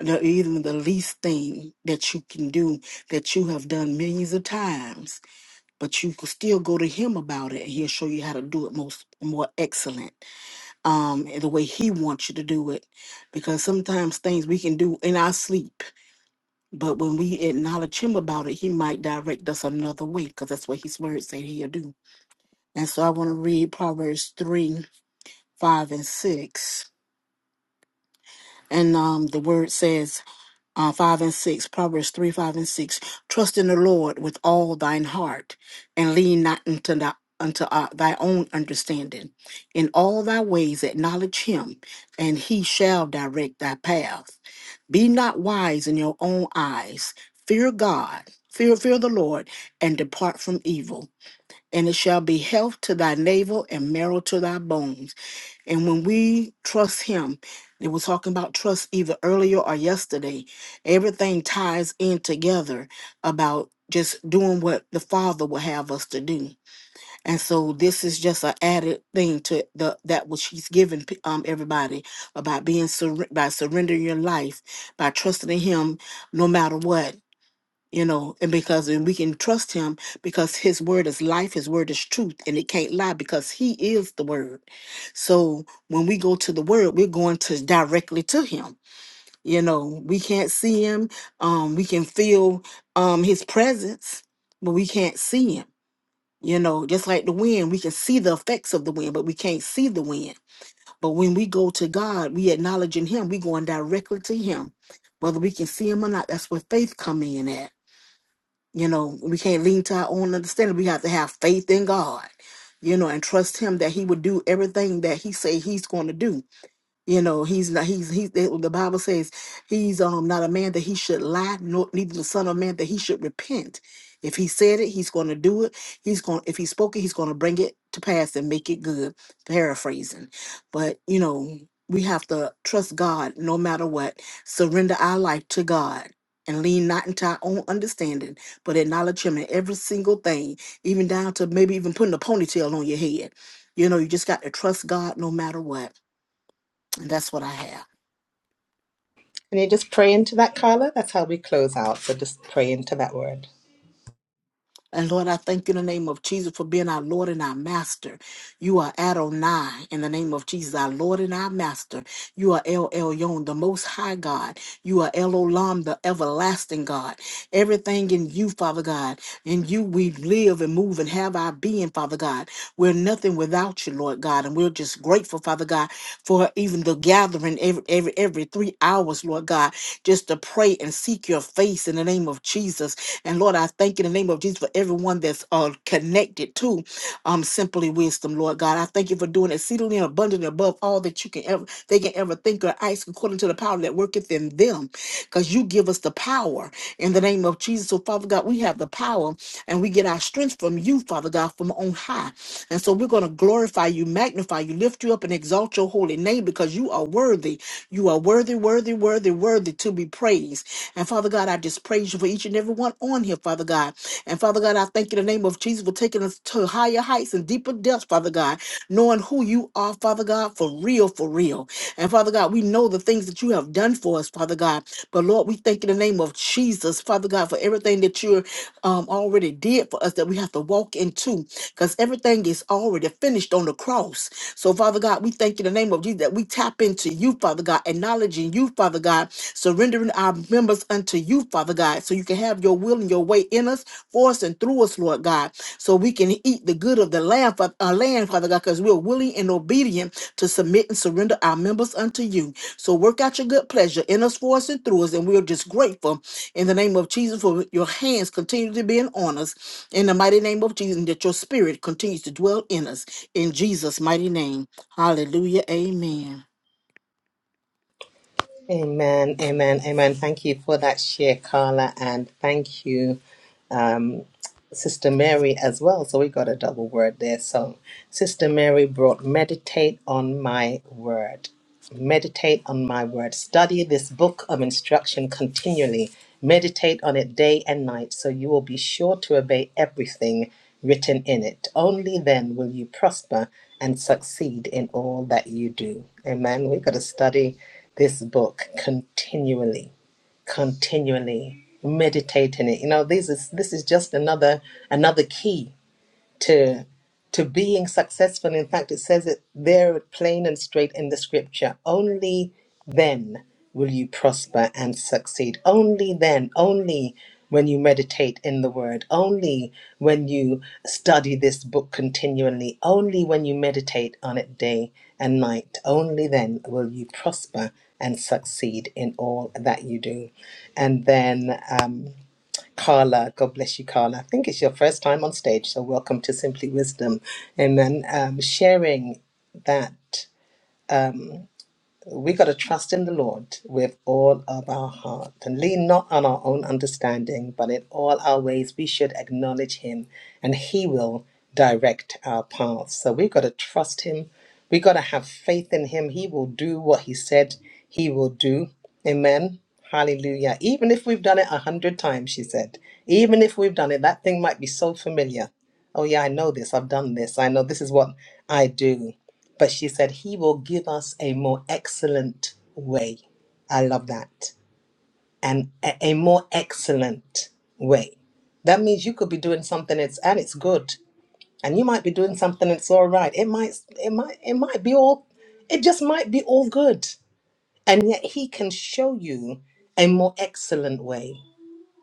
[SPEAKER 5] the, even the least thing that you can do that you have done millions of times, but you can still go to Him about it, and He'll show you how to do it most more excellent. um the way he wants you to do it because sometimes things we can do in our sleep but when we acknowledge him about it he might direct us another way because that's what his word said he'll do and so i want to read proverbs 3 5 and 6 and um the word says uh, 5 and 6, Proverbs 3, 5 and 6. Trust in the Lord with all thine heart and lean not unto, thy, unto uh, thy own understanding. In all thy ways acknowledge him, and he shall direct thy path. Be not wise in your own eyes. Fear God, fear, fear the Lord, and depart from evil. And it shall be health to thy navel and marrow to thy bones. And when we trust Him, they were talking about trust either earlier or yesterday. Everything ties in together about just doing what the Father will have us to do. And so this is just an added thing to the that which He's given p- um, everybody about being surre- by surrendering your life by trusting in Him, no matter what you know, and because and we can trust him because his word is life, his word is truth, and it can't lie because he is the word. So when we go to the word, we're going to directly to him. You know, we can't see him. Um, we can feel um his presence, but we can't see him. You know, just like the wind, we can see the effects of the wind, but we can't see the wind. But when we go to God, we acknowledging him, we going directly to him. Whether we can see him or not, that's where faith come in at you know, we can't lean to our own understanding. We have to have faith in God, you know, and trust Him that He would do everything that He say He's going to do you know, he's not, he's, he's, the the Bible says he's um not a man that he should lie, nor neither the son of man that he should repent. If he said it, he's going to do it. He's going, if he spoke it, he's going to bring it to pass and make it good. Paraphrasing. But, you know, we have to trust God no matter what, surrender our life to God. And lean not into our own understanding, but acknowledge Him in every single thing, even down to maybe even putting a ponytail on your head. You know, you just got to trust God no matter what. And that's what I have.
[SPEAKER 1] Can you just pray into that, Carla? That's how we close out. So just pray into that word.
[SPEAKER 5] And Lord, I thank you in the name of Jesus for being our Lord and our Master. You are Adonai in the name of Jesus, our Lord and our Master. You are El Elyon, the Most High God. You are El Olam, the Everlasting God. Everything in you, Father God. In you we live and move and have our being, Father God. We're nothing without you, Lord God. And we're just grateful, Father God, for even the gathering every, every, every three hours, Lord God, just to pray and seek your face in the name of Jesus. And Lord, I thank you in the name of Jesus for everyone that's uh, connected to um, Simply Wisdom, Lord God. I thank you for doing exceedingly and abundantly above all that you can ever they can ever think or ask according to the power that worketh in them because you give us the power in the name of Jesus. So, Father God, we have the power and we get our strength from you, Father God, from on high. And so we're going to glorify you, magnify you, lift you up, and exalt your holy name because you are worthy. You are worthy, worthy, worthy, worthy to be praised. And Father God, I just praise you for each and every one on here, Father God. And Father God, I thank you in the name of of Jesus for taking us to higher heights and deeper depths, Father God, knowing who you are, Father God, for real, for real. And Father God, we know the things that you have done for us, Father God. But Lord, we thank you in the name of Jesus, Father God, for everything that you um, already did for us that we have to walk into because everything is already finished on the cross. So, Father God, we thank you in the name of name of Jesus, that we tap into you, Father God, acknowledging you, Father God, surrendering our members unto you, Father God, so you can have your will and your way in us, for us, and through us, Lord God, so we can eat the good of the land, Fa- uh, land Father God, because we're willing and obedient to submit and surrender our members unto you. So work out your good pleasure in us, for us, and through us, and we're just grateful in the name of Jesus, for your hands continue to be on us. In the mighty name of Jesus, and that your spirit continues to dwell in us. In Jesus' mighty name. Hallelujah. Amen.
[SPEAKER 1] Amen, amen, amen. Thank you for that share, Carla, and thank you, um, Sister Mary, as well. So we got a double word there. So Sister Mary brought meditate on my word. Meditate on my word. Study this book of instruction continually. Meditate on it day and night so you will be sure to obey everything written in it. Only then will you prosper and succeed in all that you do. Amen. We've got to study this book continually, continually. Meditate in it. You know, this is this is just another another key to to being successful. In fact, it says it there plain and straight in the scripture. Only then will you prosper and succeed. Only then, only when you meditate in the word, only when you study this book continually, only when you meditate on it day and night, only then will you prosper and succeed in all that you do. And then um, Carla. God bless you, Carla. I think it's your first time on stage, so welcome to Simply Wisdom. Amen. Um, sharing that we got to trust in the Lord with all of our heart and lean not on our own understanding, but in all our ways we should acknowledge Him and He will direct our paths. So we've got to trust Him. We've got to have faith in Him. He will do what He said He will do. Amen. Hallelujah. Even if we've done it a hundred times, she said, even if we've done it, that thing might be so familiar. Oh, yeah, I know this. I've done this. I know this is what I do. But she said, He will give us a more excellent way. I love that. And a, a more excellent way. That means you could be doing something that's and it's good. And you might be doing something that's all right. It might it might it might be all it just might be all good. And yet he can show you a more excellent way.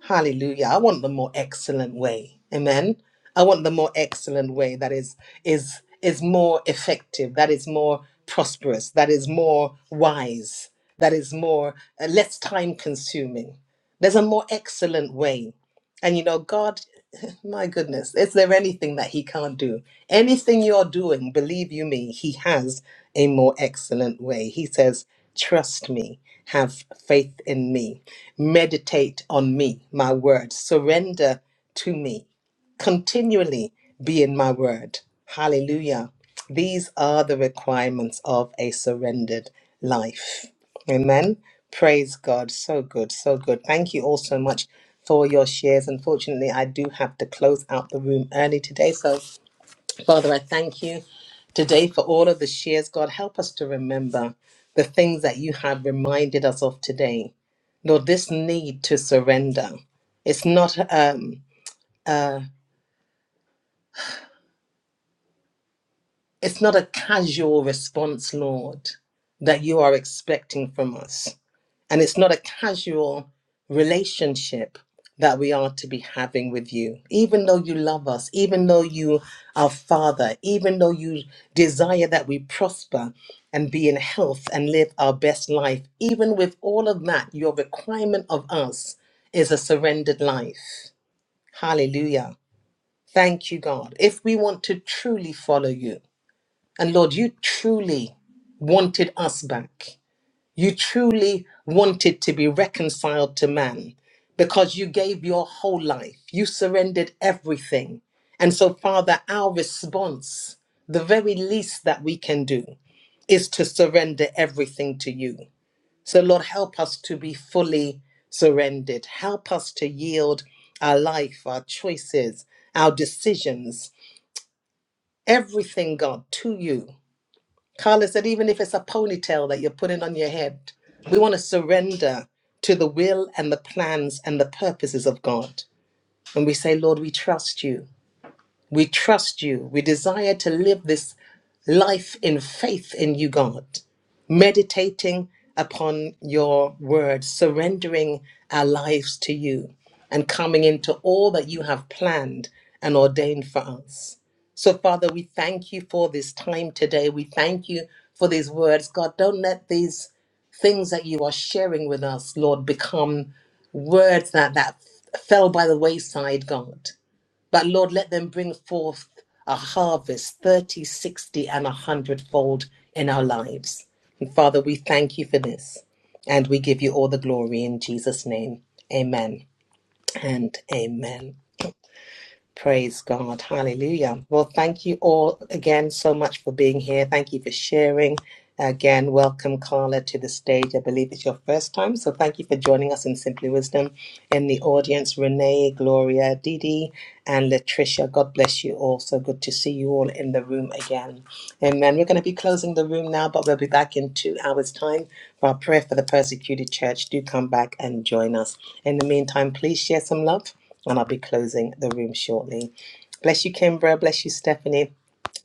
[SPEAKER 1] Hallelujah. I want the more excellent way. Amen. I want the more excellent way that is is is more effective, that is more prosperous, that is more wise, that is more uh, less time consuming. There's a more excellent way. And you know, God, my goodness, is there anything that he can't do? Anything you're doing, believe you me, he has a more excellent way. He says, "Trust me, have faith in me." Meditate on me, my word. Surrender to me. Continually be in my word. Hallelujah. These are the requirements of a surrendered life. Amen. Praise God. So good. So good. Thank you all so much for your shares. Unfortunately, I do have to close out the room early today. So Father, I thank you today for all of the shares. God, help us to remember the things that you have reminded us of today. Lord, this need to surrender. It's not um, uh, It's not a casual response, Lord, that you are expecting from us. And it's not a casual relationship that we are to be having with you. Even though you love us, even though you are Father, even though you desire that we prosper and be in health and live our best life, even with all of that, your requirement of us is a surrendered life. Hallelujah. Thank you, God. If we want to truly follow you, and Lord, you truly wanted us back. You truly wanted to be reconciled to man because you gave your whole life. You surrendered everything. And so, Father, our response, the very least that we can do, is to surrender everything to you. So, Lord, help us to be fully surrendered. Help us to yield our life, our choices, our decisions, everything, God, to you Carla said, even if it's a ponytail that you're putting on your head, we want to surrender to the will and the plans and the purposes of God. And we say, Lord, we trust you. We trust you. We desire to live this life in faith in you, God, meditating upon your word, surrendering our lives to you, and coming into all that you have planned and ordained for us. So, Father, we thank you for this time today. We thank you for these words. God, don't let these things that you are sharing with us, Lord, become words that, that fell by the wayside, God. That Lord, let them bring forth a harvest 30, 60, and a hundredfold in our lives. And Father, we thank you for this. And we give you all the glory in Jesus' name. Amen and amen. Praise God. Hallelujah. Well, thank you all again so much for being here. Thank you for sharing. Again, welcome Carla to the stage. I believe it's your first time. So thank you for joining us in Simply Wisdom. In the audience, Renee, Gloria, Didi, and Latricia. God bless you all. So good to see you all in the room again. Amen. We're going to be closing the room now, but we'll be back in two hours' time for our prayer for the persecuted church. Do come back and join us. In the meantime, please share some love and I'll be closing the room shortly. Bless you, Kimbra. Bless you, Stephanie.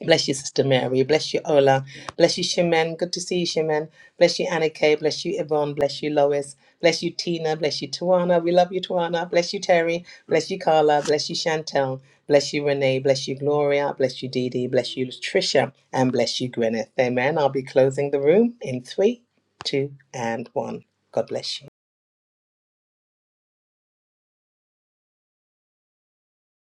[SPEAKER 1] Bless you, Sister Mary. Bless you, Ola. Bless you, Shimen. Good to see you, Shimen. Bless you, Anna Kay. Bless you, Yvonne. Bless you, Lois. Bless you, Tina. Bless you, Tawana. We love you, Tawana. Bless you, Terry. Bless you, Carla. Bless you, Chantel. Bless you, Renee. Bless you, Gloria. Bless you, Dee Dee. Bless you, Tricia. And bless you, Gwyneth. Amen. I'll be closing the room in three, two, and one. God bless you.